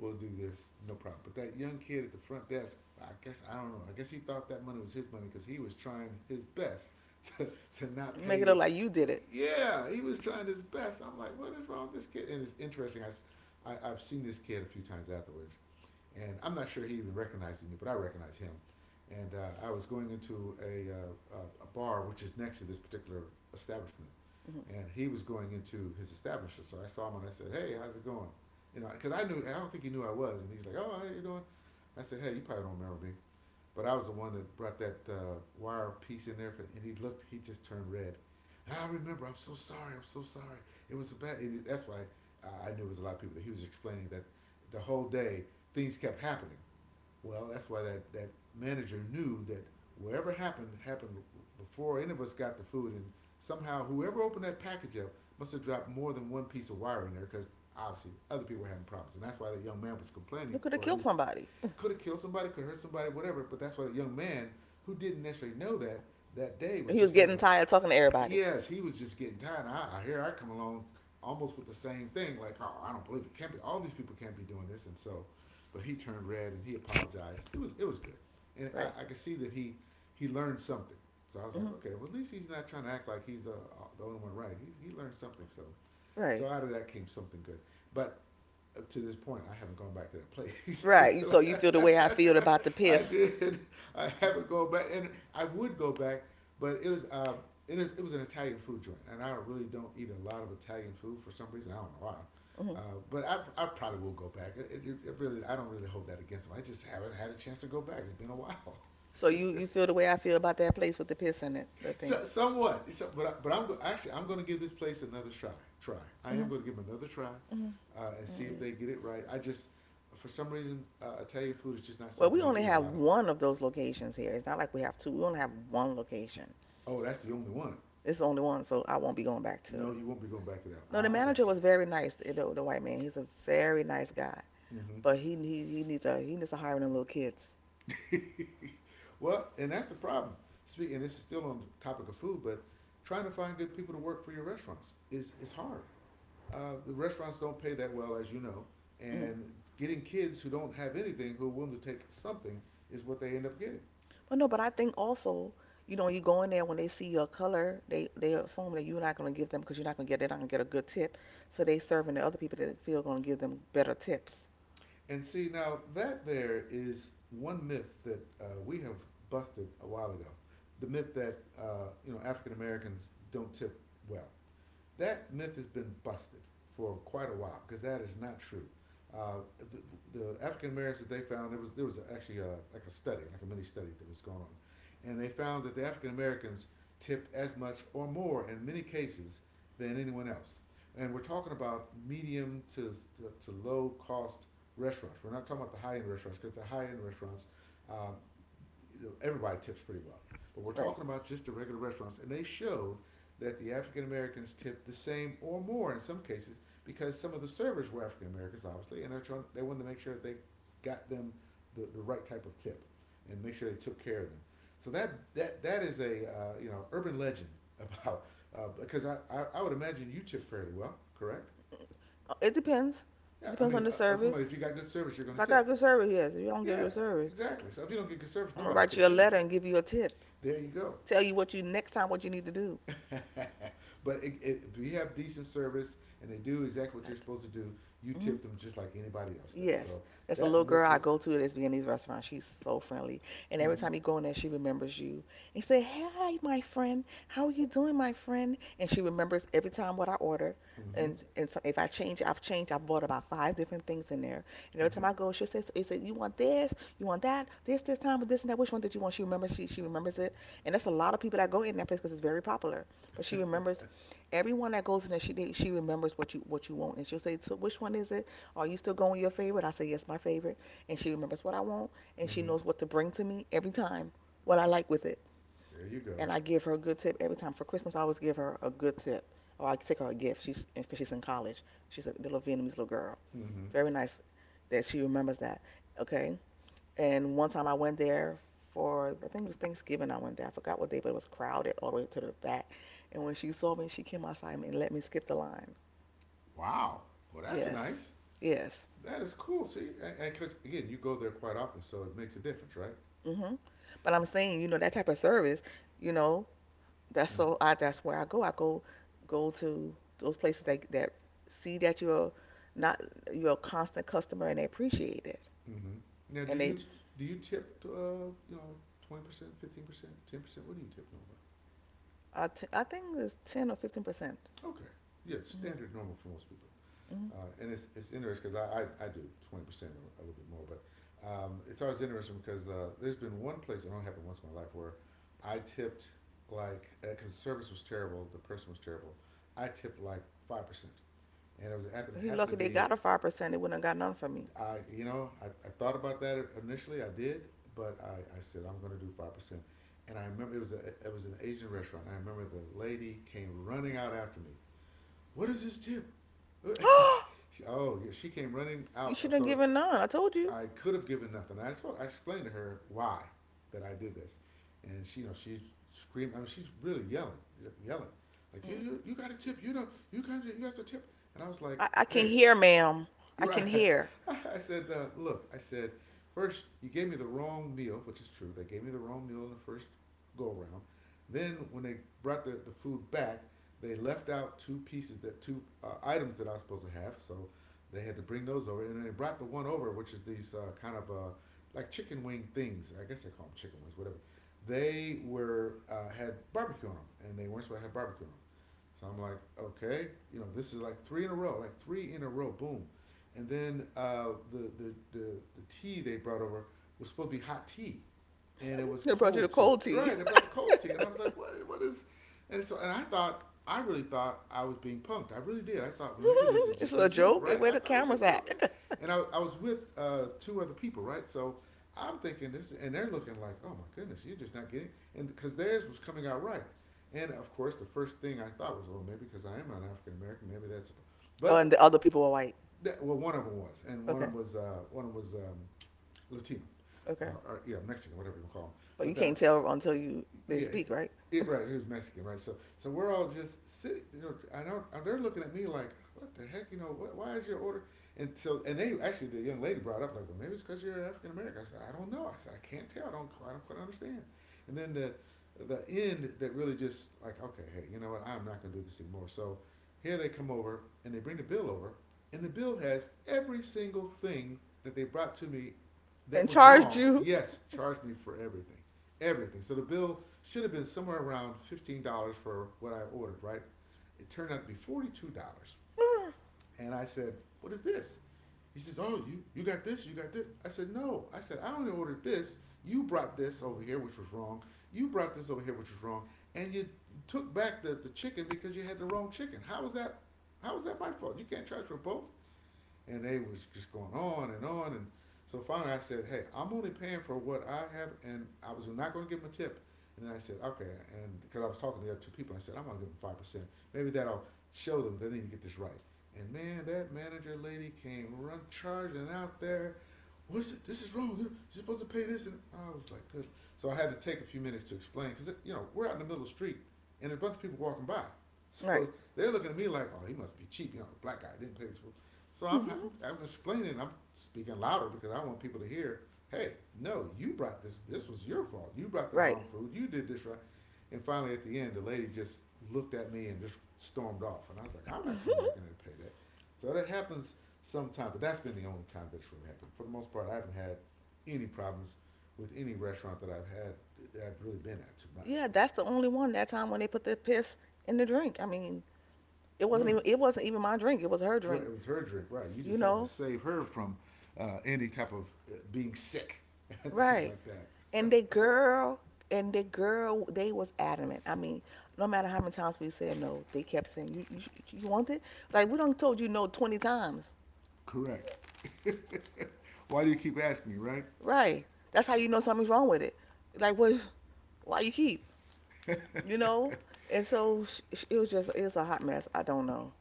[SPEAKER 1] we'll do this, no problem. But that young kid at the front desk, I guess I don't know. I guess he thought that money was his money because he was trying his best *laughs* to to not
[SPEAKER 2] Make it look
[SPEAKER 1] pay.
[SPEAKER 2] like you did it.
[SPEAKER 1] Yeah, he was trying his best. I'm like, what is wrong with this kid? And it's interesting. I have seen this kid a few times afterwards, and I'm not sure he even recognizes me, but I recognize him. And I was going into a bar which is next to this particular establishment,
[SPEAKER 2] hmm
[SPEAKER 1] and he was going into his establishment. So I saw him and I said, "Hey, how's it going? You know, because I knew I don't think he knew I was," and he's like, "Oh, how you doing?" I said, "Hey, you probably don't remember me, but I was the one that brought that wire piece in there." For, and he looked, he just turned red. "Ah, I remember. I'm so sorry. I'm so sorry. It was a bad. It, that's why I knew it was a lot of people that he was explaining that the whole day things kept happening." Well, that's why that manager knew that whatever happened happened before any of us got the food, and somehow whoever opened that package up must have dropped more than one piece of wire in there because obviously other people were having problems, and that's why that young man was
[SPEAKER 2] You
[SPEAKER 1] complaining,
[SPEAKER 2] could have
[SPEAKER 1] or at
[SPEAKER 2] killed
[SPEAKER 1] least
[SPEAKER 2] somebody.
[SPEAKER 1] could have killed somebody, could have hurt somebody, whatever. But that's what a young man who didn't necessarily know that that day
[SPEAKER 2] *laughs*
[SPEAKER 1] was
[SPEAKER 2] He was
[SPEAKER 1] just
[SPEAKER 2] getting
[SPEAKER 1] having
[SPEAKER 2] tired of talking to
[SPEAKER 1] a.
[SPEAKER 2] everybody.
[SPEAKER 1] Yes, he was just getting tired. I hear I come along almost with the same thing, like, oh, I don't believe it can't be. All these people can't be doing this, and so, but he turned red and he apologized. It was good, and
[SPEAKER 2] Right.
[SPEAKER 1] I could see that he learned something. So I was like,
[SPEAKER 2] hmm
[SPEAKER 1] okay, well at least he's not trying to act like he's the only one, right. He learned something. So, so
[SPEAKER 2] Right.
[SPEAKER 1] out of that came something good. But up to this point, I haven't gone back to that place.
[SPEAKER 2] Right. You so you feel the way I feel about the
[SPEAKER 1] *laughs* I
[SPEAKER 2] piss.
[SPEAKER 1] did. I haven't gone back, and I would go back, but it was it is it was an Italian food joint, and I really don't eat a lot of Italian food for some reason. I don't know why.
[SPEAKER 2] Hmm.
[SPEAKER 1] Uh, but I probably will go back. It really I don't really hold that against them. I just haven't had a chance to go back. It's been a while.
[SPEAKER 2] So
[SPEAKER 1] *laughs*
[SPEAKER 2] you feel the way I feel about that place with the piss in it, the
[SPEAKER 1] So,
[SPEAKER 2] thing.
[SPEAKER 1] somewhat, It's- but I, but I'm go- actually I'm going to give this place another try. Try. I
[SPEAKER 2] Hmm.
[SPEAKER 1] am going to give them another try,
[SPEAKER 2] Hmm.
[SPEAKER 1] and see if
[SPEAKER 2] Mm.
[SPEAKER 1] they get it right. I just, for some reason, Italian food is just not
[SPEAKER 2] Well, we
[SPEAKER 1] something I
[SPEAKER 2] only
[SPEAKER 1] eat a
[SPEAKER 2] have
[SPEAKER 1] lot of.
[SPEAKER 2] one of those locations here. It's not like we have two. We only have one location.
[SPEAKER 1] Oh, that's the only one.
[SPEAKER 2] It's the only one, so I won't be going back to
[SPEAKER 1] No,
[SPEAKER 2] it.
[SPEAKER 1] you won't be going back to that. One.
[SPEAKER 2] No, the
[SPEAKER 1] I got
[SPEAKER 2] manager was very nice. The white man, he's a very nice guy,
[SPEAKER 1] you.
[SPEAKER 2] but he needs a he needs to hire them little kids.
[SPEAKER 1] Hmm. *laughs* Well, and that's the problem. Speaking, and this is still on the topic of food, but trying to find good people to work for your restaurants is hard. The restaurants don't pay that well, as you know, and getting kids who don't have anything who are willing to take something is what they end up getting.
[SPEAKER 2] Well, no, but I think also, you know, you go in there when they see your color, they assume that you're not gonna give them because you're not gonna get they're not gonna get a good tip, so they serving the other people that they feel gonna give them better tips.
[SPEAKER 1] And see, now that there is one myth that we have busted a while ago, the myth that you know African Americans don't tip well. That myth has been busted for quite a while because that is not true. The African Americans that they found there was actually a, like a study, like a mini study that was going on, and they found that the African Americans tipped as much or more in many cases than anyone else. And we're talking about medium to to low cost restaurants. We're not talking about the high end restaurants because the high end restaurants um, everybody tips pretty well. But we're
[SPEAKER 2] Right.
[SPEAKER 1] talking about just the regular restaurants, and they showed that the African Americans tipped the same or more in some cases because some of the servers were African Americans, obviously, and they wanted to make sure that they got them the right type of tip and make sure they took care of them. So that is a you know urban legend *laughs* about because I would imagine you tip fairly well, correct?
[SPEAKER 2] It depends. It
[SPEAKER 1] Yeah, I
[SPEAKER 2] depends on
[SPEAKER 1] mean,
[SPEAKER 2] the
[SPEAKER 1] I'm talking
[SPEAKER 2] service.
[SPEAKER 1] about if you got good service, you're going
[SPEAKER 2] If
[SPEAKER 1] to
[SPEAKER 2] I got
[SPEAKER 1] tip.
[SPEAKER 2] good service, yes. If you don't get
[SPEAKER 1] Yeah,
[SPEAKER 2] good service,
[SPEAKER 1] exactly. So if you don't get good service,
[SPEAKER 2] I'm gonna
[SPEAKER 1] nobody
[SPEAKER 2] write you a
[SPEAKER 1] tips
[SPEAKER 2] letter
[SPEAKER 1] anyway.
[SPEAKER 2] and give you a tip.
[SPEAKER 1] There you go.
[SPEAKER 2] Tell you what you next time what you need to do.
[SPEAKER 1] *laughs* But if you have decent service and they do exactly what
[SPEAKER 2] Right.
[SPEAKER 1] you're supposed to do, you
[SPEAKER 2] Hmm.
[SPEAKER 1] tip them just like anybody else does.
[SPEAKER 2] Yes.
[SPEAKER 1] So
[SPEAKER 2] That's a
[SPEAKER 1] that
[SPEAKER 2] little girl
[SPEAKER 1] myth
[SPEAKER 2] I
[SPEAKER 1] was,
[SPEAKER 2] go to at this Viennese restaurant. She's so friendly. And every
[SPEAKER 1] mm-hmm,
[SPEAKER 2] time you go in there, she remembers you. And she said, Hi, my friend. How are you doing, my friend? And she remembers every time what I order.
[SPEAKER 1] mm-hmm,
[SPEAKER 2] And so if I change, I've changed. I've bought about five different things in there. And every
[SPEAKER 1] mm-hmm,
[SPEAKER 2] time I go, she says, "It says you want this, you want that, this time, with this and that. Which one did you want?" She remembers. She remembers it. And that's a lot of people that go in that place because it's very popular. But she remembers everyone that goes in there. She remembers what you want, and she'll say, "So which one is it?" Are you still going with your favorite? I say, Yes, my favorite. And she remembers what I want and she
[SPEAKER 1] mm-hmm.
[SPEAKER 2] knows what to bring to me every time, what I like with it.
[SPEAKER 1] There you go.
[SPEAKER 2] And I give her a good tip every time. For Christmas, I always give her a good tip. Or I take her a gift. She's because she's in college. She's a little Vietnamese little girl.
[SPEAKER 1] Mm-hmm.
[SPEAKER 2] Very nice that she remembers that. Okay. And one time I went there for I think it was Thanksgiving. I went there. I forgot what day, but it was crowded all the way to the back. And when she saw me, she came outside and let me skip the line.
[SPEAKER 1] Wow. Well, that's
[SPEAKER 2] Yes.
[SPEAKER 1] nice.
[SPEAKER 2] Yes.
[SPEAKER 1] That is cool. See, and because again, you go there quite often, so it makes a difference, right?
[SPEAKER 2] Hmm. But I'm saying, you know, that type of service, you know, that's
[SPEAKER 1] Mm-hmm.
[SPEAKER 2] so I that's where I go. I go go to those places that that see that you're not you're a constant customer and they appreciate it.
[SPEAKER 1] Mm-hmm. Now,
[SPEAKER 2] And they
[SPEAKER 1] do you tip? You know, 20%, 15%, 10%. What do you tip normally?
[SPEAKER 2] I, t- I think it's 10 or 15%.
[SPEAKER 1] Okay. Yeah,
[SPEAKER 2] Hmm.
[SPEAKER 1] standard normal for most people.
[SPEAKER 2] Hmm.
[SPEAKER 1] It's interesting because I do 20% or a little bit more, but it's always interesting because there's been one place, it only happened once in my life, where I tipped like, because the service was terrible, the person was terrible, I tipped like 5%. And
[SPEAKER 2] He
[SPEAKER 1] happened to
[SPEAKER 2] lucky they
[SPEAKER 1] be,
[SPEAKER 2] got a 5%. They wouldn't have got none from me.
[SPEAKER 1] I you know, I thought about that initially, I did, but I said, I'm going to do 5%. And I remember it was an Asian restaurant. And I remember the lady came running out after me, "What is this tip?"
[SPEAKER 2] *gasps*
[SPEAKER 1] *laughs* Oh, yeah, she came running
[SPEAKER 2] you
[SPEAKER 1] out.
[SPEAKER 2] shouldn't have
[SPEAKER 1] So
[SPEAKER 2] given none. I told you.
[SPEAKER 1] I could have given nothing. I told, I explained to her why that I did this, and she, you know, she's screaming. I mean, she's really yelling, yelling, like
[SPEAKER 2] Mm.
[SPEAKER 1] you got a tip. You know, you got the tip. And I was like,
[SPEAKER 2] I can
[SPEAKER 1] hey,
[SPEAKER 2] hear, ma'am.
[SPEAKER 1] *laughs*
[SPEAKER 2] I
[SPEAKER 1] you're right.
[SPEAKER 2] can hear.
[SPEAKER 1] I said, look, I said, first you gave me the wrong meal, which is true. They gave me the wrong meal in the first go around. Then when they brought the food back, they left out two pieces that two items that I was supposed to have. So they had to bring those over, and then they brought the one over, which is these kind of like chicken wing things. I guess they call them chicken wings, whatever. They were had barbecue on them, and they weren't supposed to have barbecue on them. So I'm like, okay, you know, this is like three in a row, like three in a row, boom. And then the tea they brought over was supposed to be hot tea, and it was
[SPEAKER 2] They brought you the
[SPEAKER 1] cold tea.
[SPEAKER 2] cold tea.
[SPEAKER 1] Right, they brought
[SPEAKER 2] *laughs*
[SPEAKER 1] the cold tea, and I was like, what is? And so and I thought I really thought I was being punked. I really did. I thought well, maybe this is
[SPEAKER 2] It's
[SPEAKER 1] just a
[SPEAKER 2] a
[SPEAKER 1] joke,
[SPEAKER 2] joke.
[SPEAKER 1] right?
[SPEAKER 2] Where
[SPEAKER 1] I
[SPEAKER 2] the
[SPEAKER 1] thought it was a
[SPEAKER 2] camera's
[SPEAKER 1] joke,
[SPEAKER 2] at?
[SPEAKER 1] yeah.
[SPEAKER 2] *laughs*
[SPEAKER 1] And I was with two other people, right? So I'm thinking this, and they're looking like, oh my goodness, you're just not getting, and because theirs was coming out right. And of course, the first thing I thought was, well, maybe because I am an African American, maybe that's.
[SPEAKER 2] Oh, and
[SPEAKER 1] But
[SPEAKER 2] the other people were white.
[SPEAKER 1] that, well, one of them was, and one of
[SPEAKER 2] Okay,
[SPEAKER 1] them was one of them was Latino,
[SPEAKER 2] okay.
[SPEAKER 1] or yeah, Mexican, whatever you call them.
[SPEAKER 2] But
[SPEAKER 1] But
[SPEAKER 2] you can't
[SPEAKER 1] that's
[SPEAKER 2] tell until you they
[SPEAKER 1] yeah,
[SPEAKER 2] speak, right?
[SPEAKER 1] it right. He was Mexican, right? So we're all just sitting. You know, I know they're looking at me like, what the heck? You know, what, why is your order? And so and they actually the young lady brought up like, well, maybe it's because you're African American. I said, I don't know. I said, I can't tell. I don't quite understand. And then the end that really just like, okay, hey, you know what? I'm not gonna do this anymore. So here they come over and they bring the bill over, and the bill has every single thing that they brought to me that
[SPEAKER 2] And
[SPEAKER 1] was
[SPEAKER 2] charged
[SPEAKER 1] wrong.
[SPEAKER 2] you.
[SPEAKER 1] Yes, charged me for everything everything. So the bill should have been somewhere around $15 for what I ordered, right? It turned out to be $42,
[SPEAKER 2] *sighs*
[SPEAKER 1] and I said, "What is this?" He says, "Oh, you got this, you got this." I said, "No," I said, "I only ordered this. You brought this over here, which was wrong. You brought this over here, which was wrong, and you took back the chicken because you had the wrong chicken. How was that? How was that my fault? You can't charge for both." and they was just going on and so finally I said, hey, I'm only paying for what I have, and I was not going to give them a tip. And then I said, okay, and because I was talking to the other two people, I said, I'm going to give them 5%. Maybe that'll show them they need to get this right. And man, that manager lady came run charging out there. What's it? This is wrong. You're supposed to pay this, and I was like, good. So I had to take a few minutes to explain because you know we're out in the middle of the street, and there's a bunch of people walking by. *laughs*
[SPEAKER 2] Right.
[SPEAKER 1] So they're looking at me like, oh, he must be cheap. You know, a black guy didn't pay this. So I'm, I'm
[SPEAKER 2] *laughs*
[SPEAKER 1] I'm explaining. I'm speaking louder because I want people to hear. Hey, no, you brought this. This was your fault. You brought the
[SPEAKER 2] Right.
[SPEAKER 1] wrong food. You did this right. And finally, at the end, the lady just looked at me and just stormed off. And I was like, I'm not coming back in there
[SPEAKER 2] *laughs*
[SPEAKER 1] to pay that. So that happens sometimes. But that's been the only time that's really happened. For the most part, I haven't had any problems with any restaurant that I've had that I've really been at too much.
[SPEAKER 2] Yeah, that's the only one that time when they put the piss in the drink. I mean, it wasn't
[SPEAKER 1] Mm.
[SPEAKER 2] even it wasn't even my drink. It was her
[SPEAKER 1] Right,
[SPEAKER 2] drink,
[SPEAKER 1] it was her drink, right? You
[SPEAKER 2] you
[SPEAKER 1] just happened to
[SPEAKER 2] know?
[SPEAKER 1] save her from any type of being sick and *laughs* things
[SPEAKER 2] Right.
[SPEAKER 1] like that.
[SPEAKER 2] And the girl and the girl they was adamant. I mean, no matter how many times we said no, they kept saying, "You want it?" Like we don't told you no 20 times.
[SPEAKER 1] Correct. *laughs* Why do you keep asking me, right?
[SPEAKER 2] Right. That's how you know something's wrong with it. Like what Why you keep, you know? And so sh it was just, it's a hot mess. I don't know.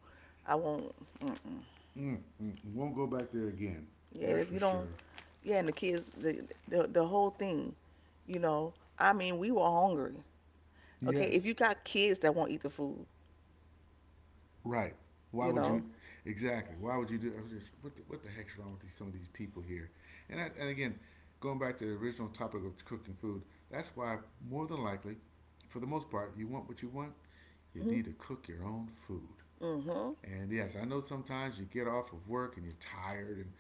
[SPEAKER 2] I won't. Mm-mm.
[SPEAKER 1] Mm, mm, mm. won't go back there again.
[SPEAKER 2] Yeah,
[SPEAKER 1] That's
[SPEAKER 2] it's-
[SPEAKER 1] for
[SPEAKER 2] you don't.
[SPEAKER 1] sure.
[SPEAKER 2] Yeah, and the kids, the whole thing, you know. I mean, we were hungry. Okay, if
[SPEAKER 1] Yes,
[SPEAKER 2] you got kids that won't eat the food,
[SPEAKER 1] right. Why
[SPEAKER 2] you
[SPEAKER 1] would
[SPEAKER 2] know.
[SPEAKER 1] you? Exactly. Why would you do? I was just, what the heck's wrong with these, some of these people here? And I, and again, going back to the original topic of cooking food, that's why more than likely, for the most part, you want what you want. You
[SPEAKER 2] Mm-hmm.
[SPEAKER 1] need to cook your own food.
[SPEAKER 2] hmm
[SPEAKER 1] And yes, I know sometimes you get off of work and you're tired, and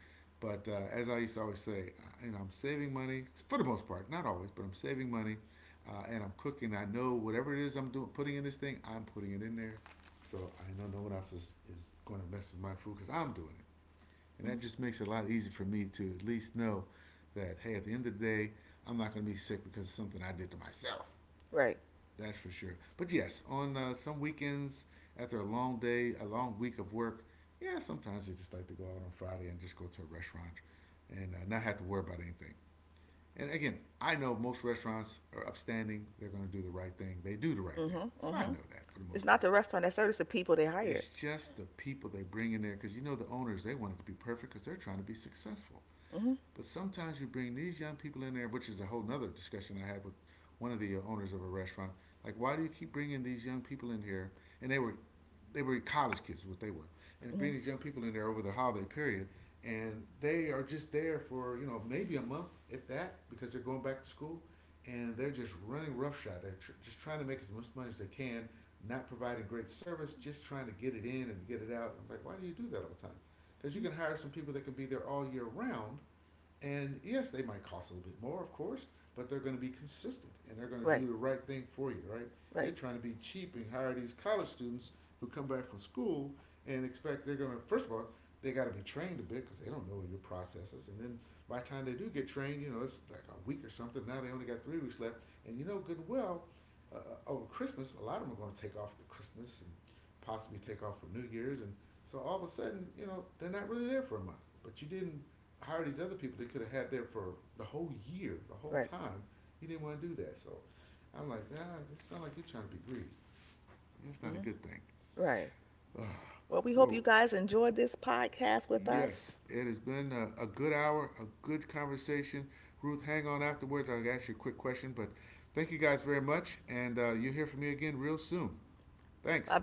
[SPEAKER 1] but as I used to always say, you know, I'm saving money for the most part, not always, but I'm saving money, and I'm cooking. I know whatever it is I'm doing, putting in this thing, I'm putting it in there, so I know no one else is going to mess with my food because I'm doing it, and
[SPEAKER 2] hmm
[SPEAKER 1] that just makes it a lot easier for me to at least know that hey, at the end of the day, I'm not going to be sick because of something I did to myself.
[SPEAKER 2] Right.
[SPEAKER 1] That's for sure. But yes, on some weekends after a long day, a long week of work, yeah, sometimes you just like to go out on Friday and just go to a restaurant and not have to worry about anything. And again, I know most restaurants are upstanding. They're going to do the right thing. They do the right thing.
[SPEAKER 2] Mm-hmm.
[SPEAKER 1] So I
[SPEAKER 2] Mm-hmm.
[SPEAKER 1] know that for the
[SPEAKER 2] It's
[SPEAKER 1] most
[SPEAKER 2] not
[SPEAKER 1] part.
[SPEAKER 2] the restaurant that serves it's the people they hired.
[SPEAKER 1] It's just the people they bring in there because you know the owners, they want it to be perfect because they're trying to be successful.
[SPEAKER 2] Hmm
[SPEAKER 1] But sometimes you bring these young people in there, which is a whole nother discussion I had with one of the owners of a restaurant. Like, why do you keep bringing these young people in here? And they were, they were college kids, is what they were, and
[SPEAKER 2] Mm-hmm.
[SPEAKER 1] bring these young people in there over the holiday period, and they are just there for you know maybe a month, if that, because they're going back to school, and they're just running roughshod. Just trying to make as much money as they can, not providing great service, just trying to get it in and get it out. I'm like, why do you do that all the time? Because you can hire some people that can be there all year round and yes, they might cost a little bit more, of course, but they're going to be consistent and they're going to
[SPEAKER 2] Right.
[SPEAKER 1] do the right thing for you, right? You're
[SPEAKER 2] Right.
[SPEAKER 1] trying to be cheap and hire these college students who come back from school and expect they're going to, first of all, they got to be trained a bit because they don't know your processes. And then by the time they do get trained, you know, it's like a week or something. Now they only got 3 weeks left. And you know good and well, over Christmas, a lot of them are going to take off for Christmas and possibly take off for New Year's. And so all of a sudden, you know, they're not really there for a month. But you didn't hire these other people they could have had there for the whole year, the whole
[SPEAKER 2] Right.
[SPEAKER 1] time. He didn't want to do that. So I'm like, nah, it sounds like you're trying to be greedy. It's not a good thing.
[SPEAKER 2] Mm-hmm.
[SPEAKER 1] *sighs*
[SPEAKER 2] Right.
[SPEAKER 1] Uh,
[SPEAKER 2] Well, we hope
[SPEAKER 1] well,
[SPEAKER 2] you guys enjoyed this podcast with us.
[SPEAKER 1] yes, it has been a good hour, a good conversation. Ruth, hang on afterwards. I'll ask you a quick question, but thank you guys very much. And you'll hear from me again real soon.
[SPEAKER 2] Bye
[SPEAKER 1] Thanks.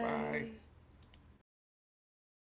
[SPEAKER 1] Bye.